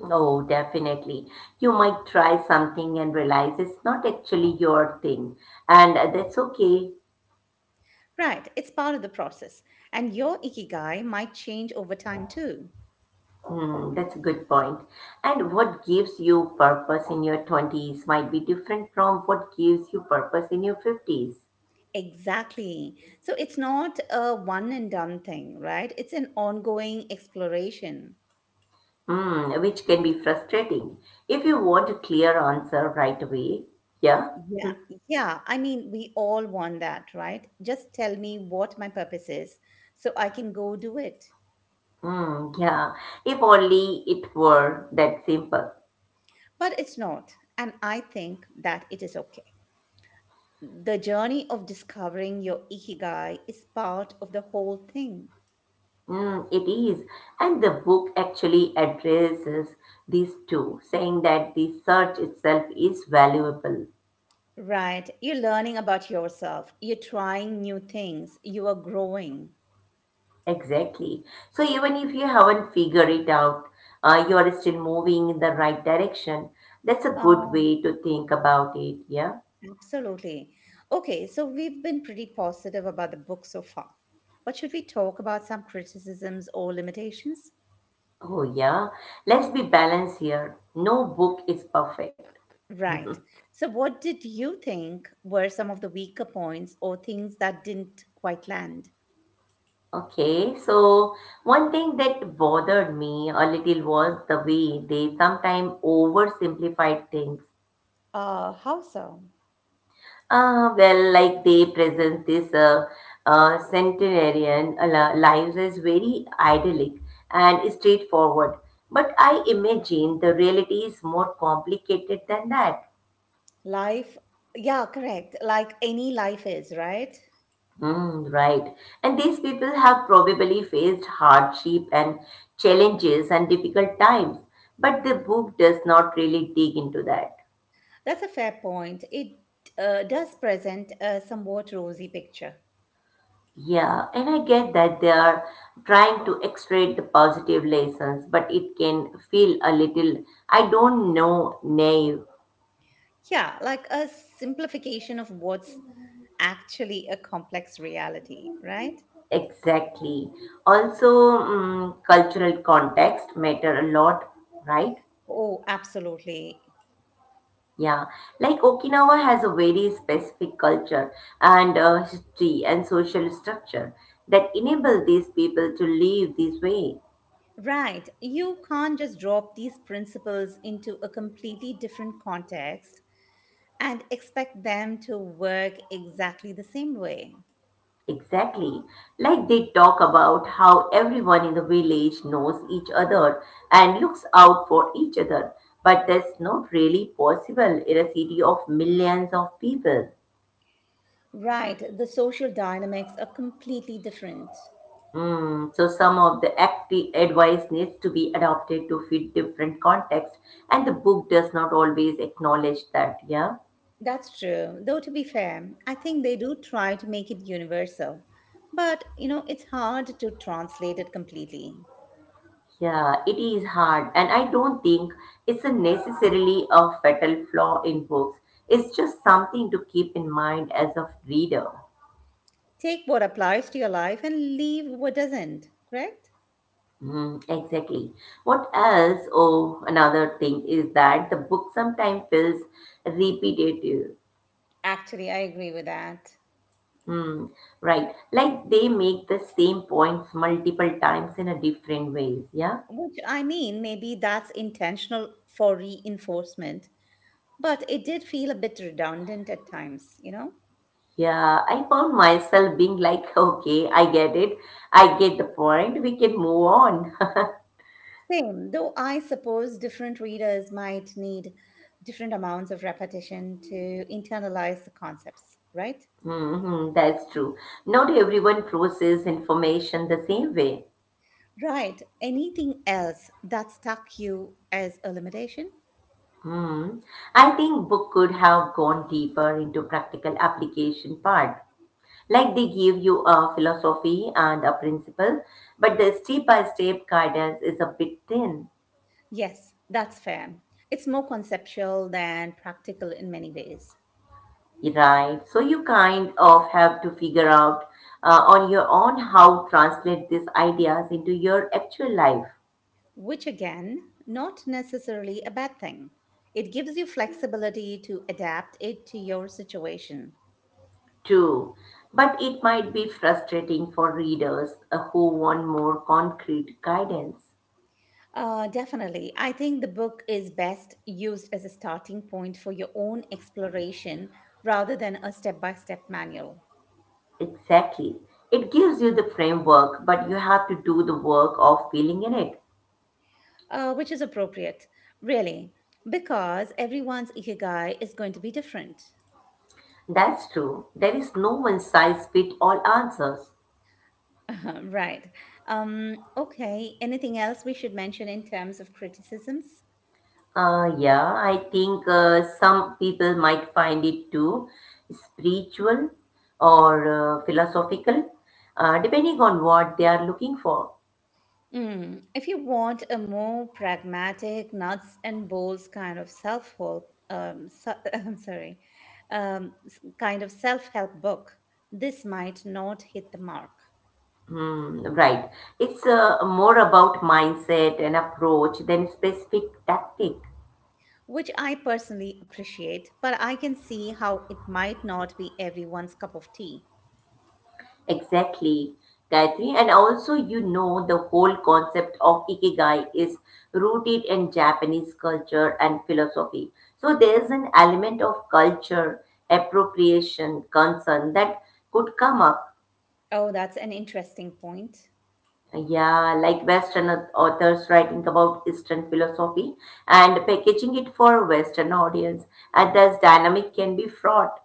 Speaker 2: Oh, definitely. You might try something and realize it's not actually your thing, and that's okay.
Speaker 1: Right. It's part of the process. And your ikigai might change over time too.
Speaker 2: Hmm, that's a good point. And what gives you purpose in your 20s might be different from what gives you purpose in your 50s.
Speaker 1: Exactly. So it's not a one and done thing, right? It's an ongoing exploration.
Speaker 2: Hmm, which can be frustrating if you want a clear answer right away. Yeah?
Speaker 1: Yeah, yeah. I mean, we all want that, right? Just tell me what my purpose is so I can go do it.
Speaker 2: Mm, yeah, if only it were that simple.
Speaker 1: But it's not. And I think that it is okay. The journey of discovering your ikigai is part of the whole thing,
Speaker 2: Mm, it is. And the book actually addresses these two, saying that the search itself is valuable.
Speaker 1: right? You're learning about yourself, you're trying new things, you are growing.
Speaker 2: Exactly. So even if you haven't figured it out, you are still moving in the right direction. That's a good
Speaker 1: Oh,
Speaker 2: way to think about it. Yeah.
Speaker 1: absolutely. Okay, so we've been pretty positive about the book so far. But should we talk about some criticisms or limitations?
Speaker 2: Oh, yeah. Let's be balanced here. No book is perfect.
Speaker 1: Right. So, what did you think were some of the weaker points or things that didn't quite land?
Speaker 2: Okay, so one thing that bothered me a little was the way they sometimes oversimplified things.
Speaker 1: How so?
Speaker 2: Well, like they present this centenarian lives as very idyllic and straightforward. But I imagine the reality is more complicated than that.
Speaker 1: Life, yeah, correct. Like any life is, right?
Speaker 2: Mm, right. And these people have probably faced hardship and challenges and difficult times, but the book does not really dig into that.
Speaker 1: That's a fair point. It does present a somewhat rosy picture.
Speaker 2: Yeah, and I get that they are trying to extract the positive lessons, but it can feel a little, I don't know, naive
Speaker 1: Yeah, like a simplification of what's actually a complex reality, right?
Speaker 2: exactly. Also, mm, cultural context matter a lot, right?
Speaker 1: Oh, absolutely.
Speaker 2: Yeah, like Okinawa has a very specific culture and history and social structure that enable these people to live this way.
Speaker 1: Right. You can't just drop these principles into a completely different context and expect them to work exactly the same way.
Speaker 2: Exactly. Like they talk about how everyone in the village knows each other and looks out for each other, but that's not really possible in a city of millions of people.
Speaker 1: Right, the social dynamics are completely different.
Speaker 2: Mm, so some of the active advice needs to be adopted to fit different context, and the book does not always acknowledge that. Yeah,
Speaker 1: That's true. Though, to be fair, I think they do try to make it universal. But, you know, it's hard to translate it completely.
Speaker 2: yeah, it is hard, and I don't think it's a necessarily a fatal flaw in books. It's just something to keep in mind as a reader.
Speaker 1: Take what applies to your life and leave what doesn't, correct?
Speaker 2: Mm, exactly. What else? Oh, another thing is that the book sometimes feels repetitive.
Speaker 1: Actually, I agree with that.
Speaker 2: Hmm, right. Like they make the same points multiple times in a different ways. Yeah.
Speaker 1: Which I mean, maybe that's intentional for reinforcement, but it did feel a bit redundant at times, you know?
Speaker 2: Yeah. I found myself being like, okay, I get it. I get the point. We can move on.
Speaker 1: Same, though I suppose different readers might need different amounts of repetition to internalize the concepts, right?
Speaker 2: Hmm, that's true. Not everyone processes information the same way.
Speaker 1: Right. Anything else that stuck you as a limitation?
Speaker 2: Hmm. I think book could have gone deeper into practical application part. Like they give you a philosophy and a principle, but the step-by-step guidance is a bit thin.
Speaker 1: Yes, that's fair. It's more conceptual than practical in many ways,
Speaker 2: Right. So you kind of have to figure out on your own how translate these ideas into your actual life
Speaker 1: which again, not necessarily a bad thing. It gives you flexibility to adapt it to your situation.
Speaker 2: too. But it might be frustrating for readers who want more concrete guidance.
Speaker 1: Definitely. I think the book is best used as a starting point for your own exploration rather than a step by step manual,
Speaker 2: Exactly. It gives you the framework, but you have to do the work of filling in it.
Speaker 1: which is appropriate, really, because everyone's ikigai is going to be different.
Speaker 2: That's true. There is no one size fit all answers.
Speaker 1: Right. Okay. Anything else we should mention in terms of criticisms?
Speaker 2: Yeah, I think some people might find it too spiritual or philosophical, depending on what they are looking for.
Speaker 1: Mm, if you want a more pragmatic, nuts and bolts kind of self help, I'm sorry, kind of self help book, this might not hit the mark,
Speaker 2: Hmm, right. It's more about mindset and approach than specific tactic.
Speaker 1: which I personally appreciate, but I can see how it might not be everyone's cup of tea.
Speaker 2: Exactly, Gayatri. And also, you know, the whole concept of ikigai is rooted in Japanese culture and philosophy. So there's an element of culture, appropriation, concern that could come up.
Speaker 1: Oh, that's an interesting point.
Speaker 2: Yeah, like Western authors writing about Eastern philosophy and packaging it for Western audience. And thus dynamic can be fraught.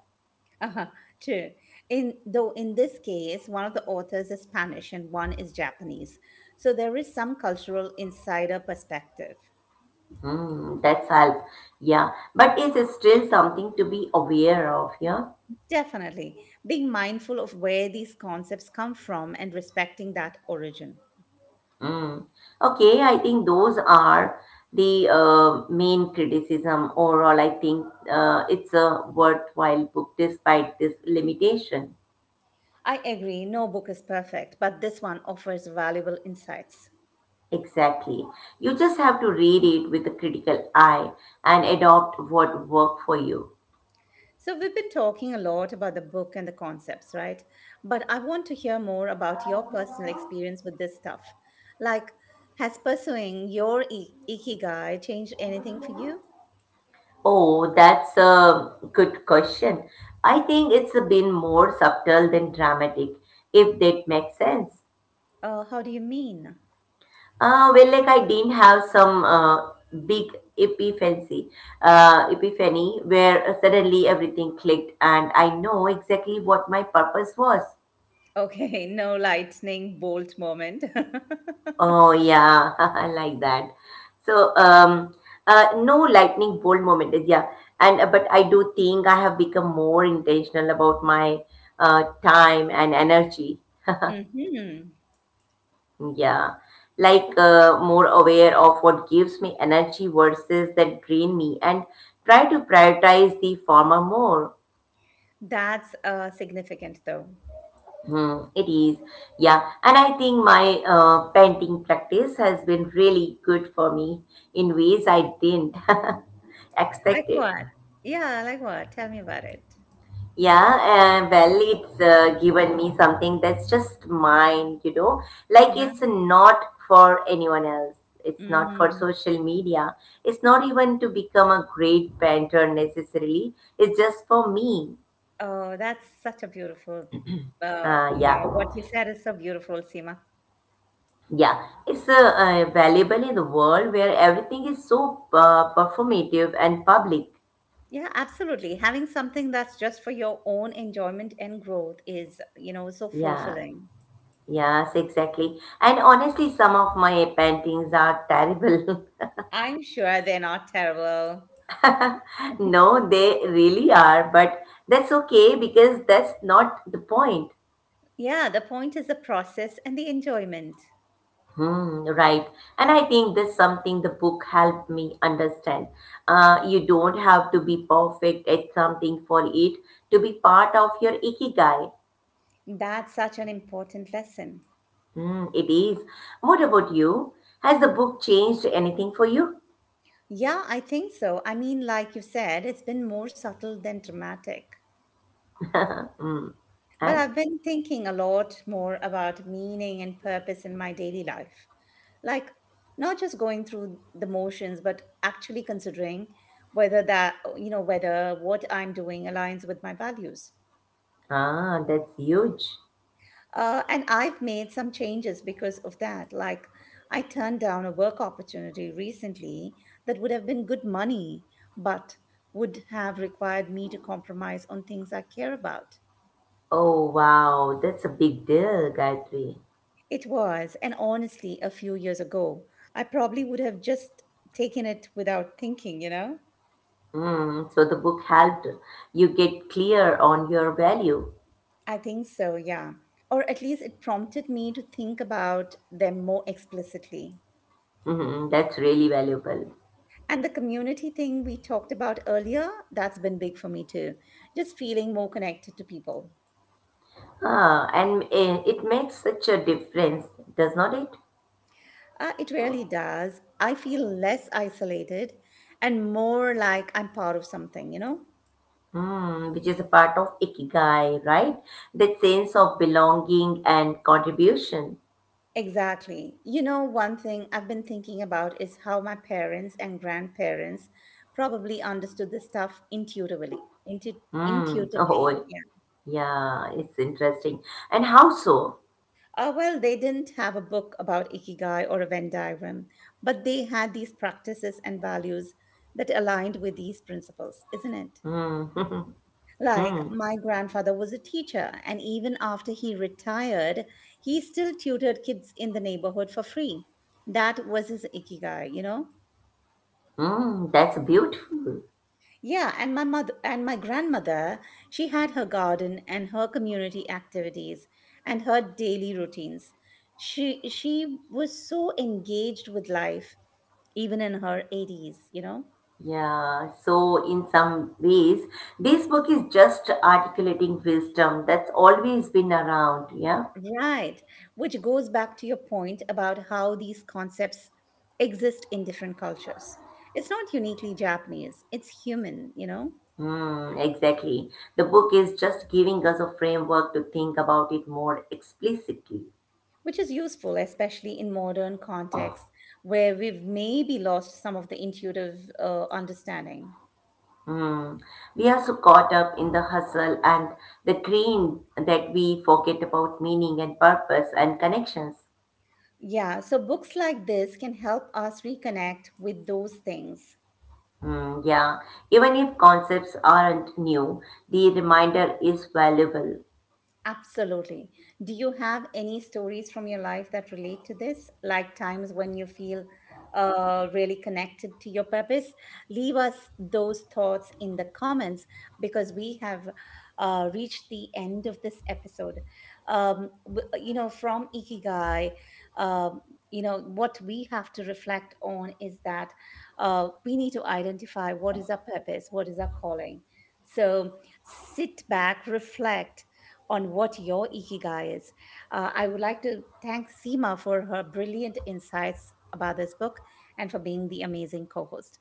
Speaker 1: Uh-huh, true. In though in this case, one of the authors is Spanish and one is Japanese, so there is some cultural insider perspective.
Speaker 2: Hmm, that's help. Yeah, but it's still something to be aware of. Yeah.
Speaker 1: Definitely. Being mindful of where these concepts come from and respecting that origin.
Speaker 2: Mm. Okay, I think those are the main criticism. Overall, I think it's a worthwhile book despite this limitation.
Speaker 1: I agree, no book is perfect, but this one offers valuable insights.
Speaker 2: Exactly. You just have to read it with a critical eye and adopt what worked for you.
Speaker 1: So, we've been talking a lot about the book and the concepts, right? But I want to hear more about your personal experience with this stuff. Like, has pursuing your ikigai changed anything for you?
Speaker 2: Oh, that's a good question. I think it's been more subtle than dramatic, if that makes sense.
Speaker 1: How do you mean?
Speaker 2: Well, like I didn't have some big epiphany, epiphany where suddenly everything clicked and I know exactly what my purpose was.
Speaker 1: Okay, no lightning bolt moment.
Speaker 2: Oh yeah, like that. So no lightning bolt moment is yeah, and but I do think I have become more intentional about my time and energy.
Speaker 1: Hmm.
Speaker 2: Yeah, like more aware of what gives me energy versus that drain me and try to prioritize the former more.
Speaker 1: That's, significant, though.
Speaker 2: Hmm, it is. Yeah, and I think my painting practice has been really good for me in ways I didn't
Speaker 1: Like
Speaker 2: expect it.
Speaker 1: what? Yeah, like what? Tell me about it.
Speaker 2: Yeah, and well, it's given me something that's just mine, you know. Like
Speaker 1: Uh-huh.
Speaker 2: it's not for anyone else. It's not for
Speaker 1: Mm.
Speaker 2: social media. It's not even to become a great painter necessarily. It's just for me.
Speaker 1: Oh, that's such a beautiful, you
Speaker 2: Yeah,
Speaker 1: know, what you said is so beautiful, Seema.
Speaker 2: yeah. It's valuable in the world where everything is so performative and public.
Speaker 1: Yeah, absolutely. Having something that's just for your own enjoyment and growth is, you know, so
Speaker 2: Yeah,
Speaker 1: fulfilling.
Speaker 2: yes, exactly. And honestly, some of my paintings are terrible.
Speaker 1: I'm sure they're not terrible.
Speaker 2: No, they really are, but that's okay because that's not the point.
Speaker 1: Yeah, the point is the process and the enjoyment.
Speaker 2: Hmm, right. And I think that's something the book helped me understand. You don't have to be perfect at something for it to be part of your ikigai.
Speaker 1: That's such an important lesson.
Speaker 2: Hmm, it is. What about you? Has the book changed anything for you?
Speaker 1: Yeah, I think so. I mean, like you said, it's been more subtle than dramatic.
Speaker 2: Hmm.
Speaker 1: But
Speaker 2: And
Speaker 1: I've been thinking a lot more about meaning and purpose in my daily life. Like, not just going through the motions, but actually considering whether that, you know, whether what I'm doing aligns with my values.
Speaker 2: ah, that's huge.
Speaker 1: And I've made some changes because of that. Like, I turned down a work opportunity recently that would have been good money, but would have required me to compromise on things I care about.
Speaker 2: Oh wow, that's a big deal, Gayatri.
Speaker 1: It was, and honestly, a few years ago, I probably would have just taken it without thinking, you know?
Speaker 2: Mm, so the book helped you get clear on your value.
Speaker 1: I think so, yeah. Or at least it prompted me to think about them more explicitly.
Speaker 2: Hmm, that's really valuable.
Speaker 1: And the community thing we talked about earlier, that's been big for me too. Just feeling more connected to people.
Speaker 2: Ah, and eh, it makes such a difference, does not it?
Speaker 1: It really does. I feel less isolated and more like I'm part of something, you know?
Speaker 2: Mm, which is a part of ikigai, right? That sense of belonging and contribution.
Speaker 1: Exactly. You know, one thing I've been thinking about is how my parents and grandparents probably understood this stuff intuitively.
Speaker 2: Mm,
Speaker 1: Intuitively,
Speaker 2: oh,
Speaker 1: yeah.
Speaker 2: yeah, it's interesting. And how so?
Speaker 1: Well, they didn't have a book about Ikigai or a Venn diagram, but they had these practices and values that aligned with these principles, isn't it?
Speaker 2: Mm,
Speaker 1: Like,
Speaker 2: mm,
Speaker 1: my grandfather was a teacher, and even after he retired, he still tutored kids in the neighborhood for free. That was his Ikigai, you know?
Speaker 2: mm, that's beautiful.
Speaker 1: Yeah, and my mother and my grandmother, she had her garden and her community activities and her daily routines. She was so engaged with life even in her 80s, you know?
Speaker 2: Yeah, so in some ways, this book is just articulating wisdom that's always been around. Yeah.
Speaker 1: Right, which goes back to your point about how these concepts exist in different cultures. It's not uniquely Japanese, it's human, you know?
Speaker 2: Hmm, exactly. The book is just giving us a framework to think about it more explicitly.
Speaker 1: Which is useful, especially in modern contexts where we've maybe lost some of the intuitive understanding.
Speaker 2: Hmm. We are so caught up in the hustle and the green that we forget about meaning and purpose and connections.
Speaker 1: Yeah, so books like this can help us reconnect with those things.
Speaker 2: Hmm, yeah, even if concepts aren't new, the reminder is valuable.
Speaker 1: Absolutely. Do you have any stories from your life that relate to this? Like times when you feel really connected to your purpose? Leave us those thoughts in the comments because we have reached the end of this episode. You know, from Ikigai, um, you know, what we have to reflect on is that we need to identify what is our purpose, what is our calling. So sit back, reflect on what your ikigai is. I would like to thank Seema for her brilliant insights about this book and for being the amazing co host.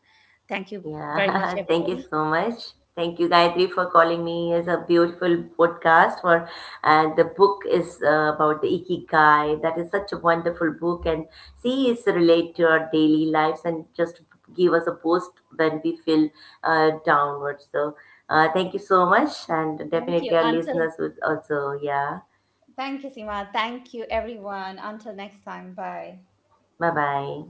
Speaker 1: Thank you very much,
Speaker 2: Yeah, thank you
Speaker 1: everybody.
Speaker 2: so much. Thank you, Gayatri, for calling me. It's a beautiful podcast. For and the book is about the Ikigai. That is such a wonderful book, and see, it's relate to our daily lives and just give us a boost when we feel downwards. So, thank you so much, and
Speaker 1: Thank you.
Speaker 2: definitely our
Speaker 1: Until,
Speaker 2: listeners would also. Yeah,
Speaker 1: thank you, Seema. Thank you, everyone. Until next time. Bye.
Speaker 2: bye bye.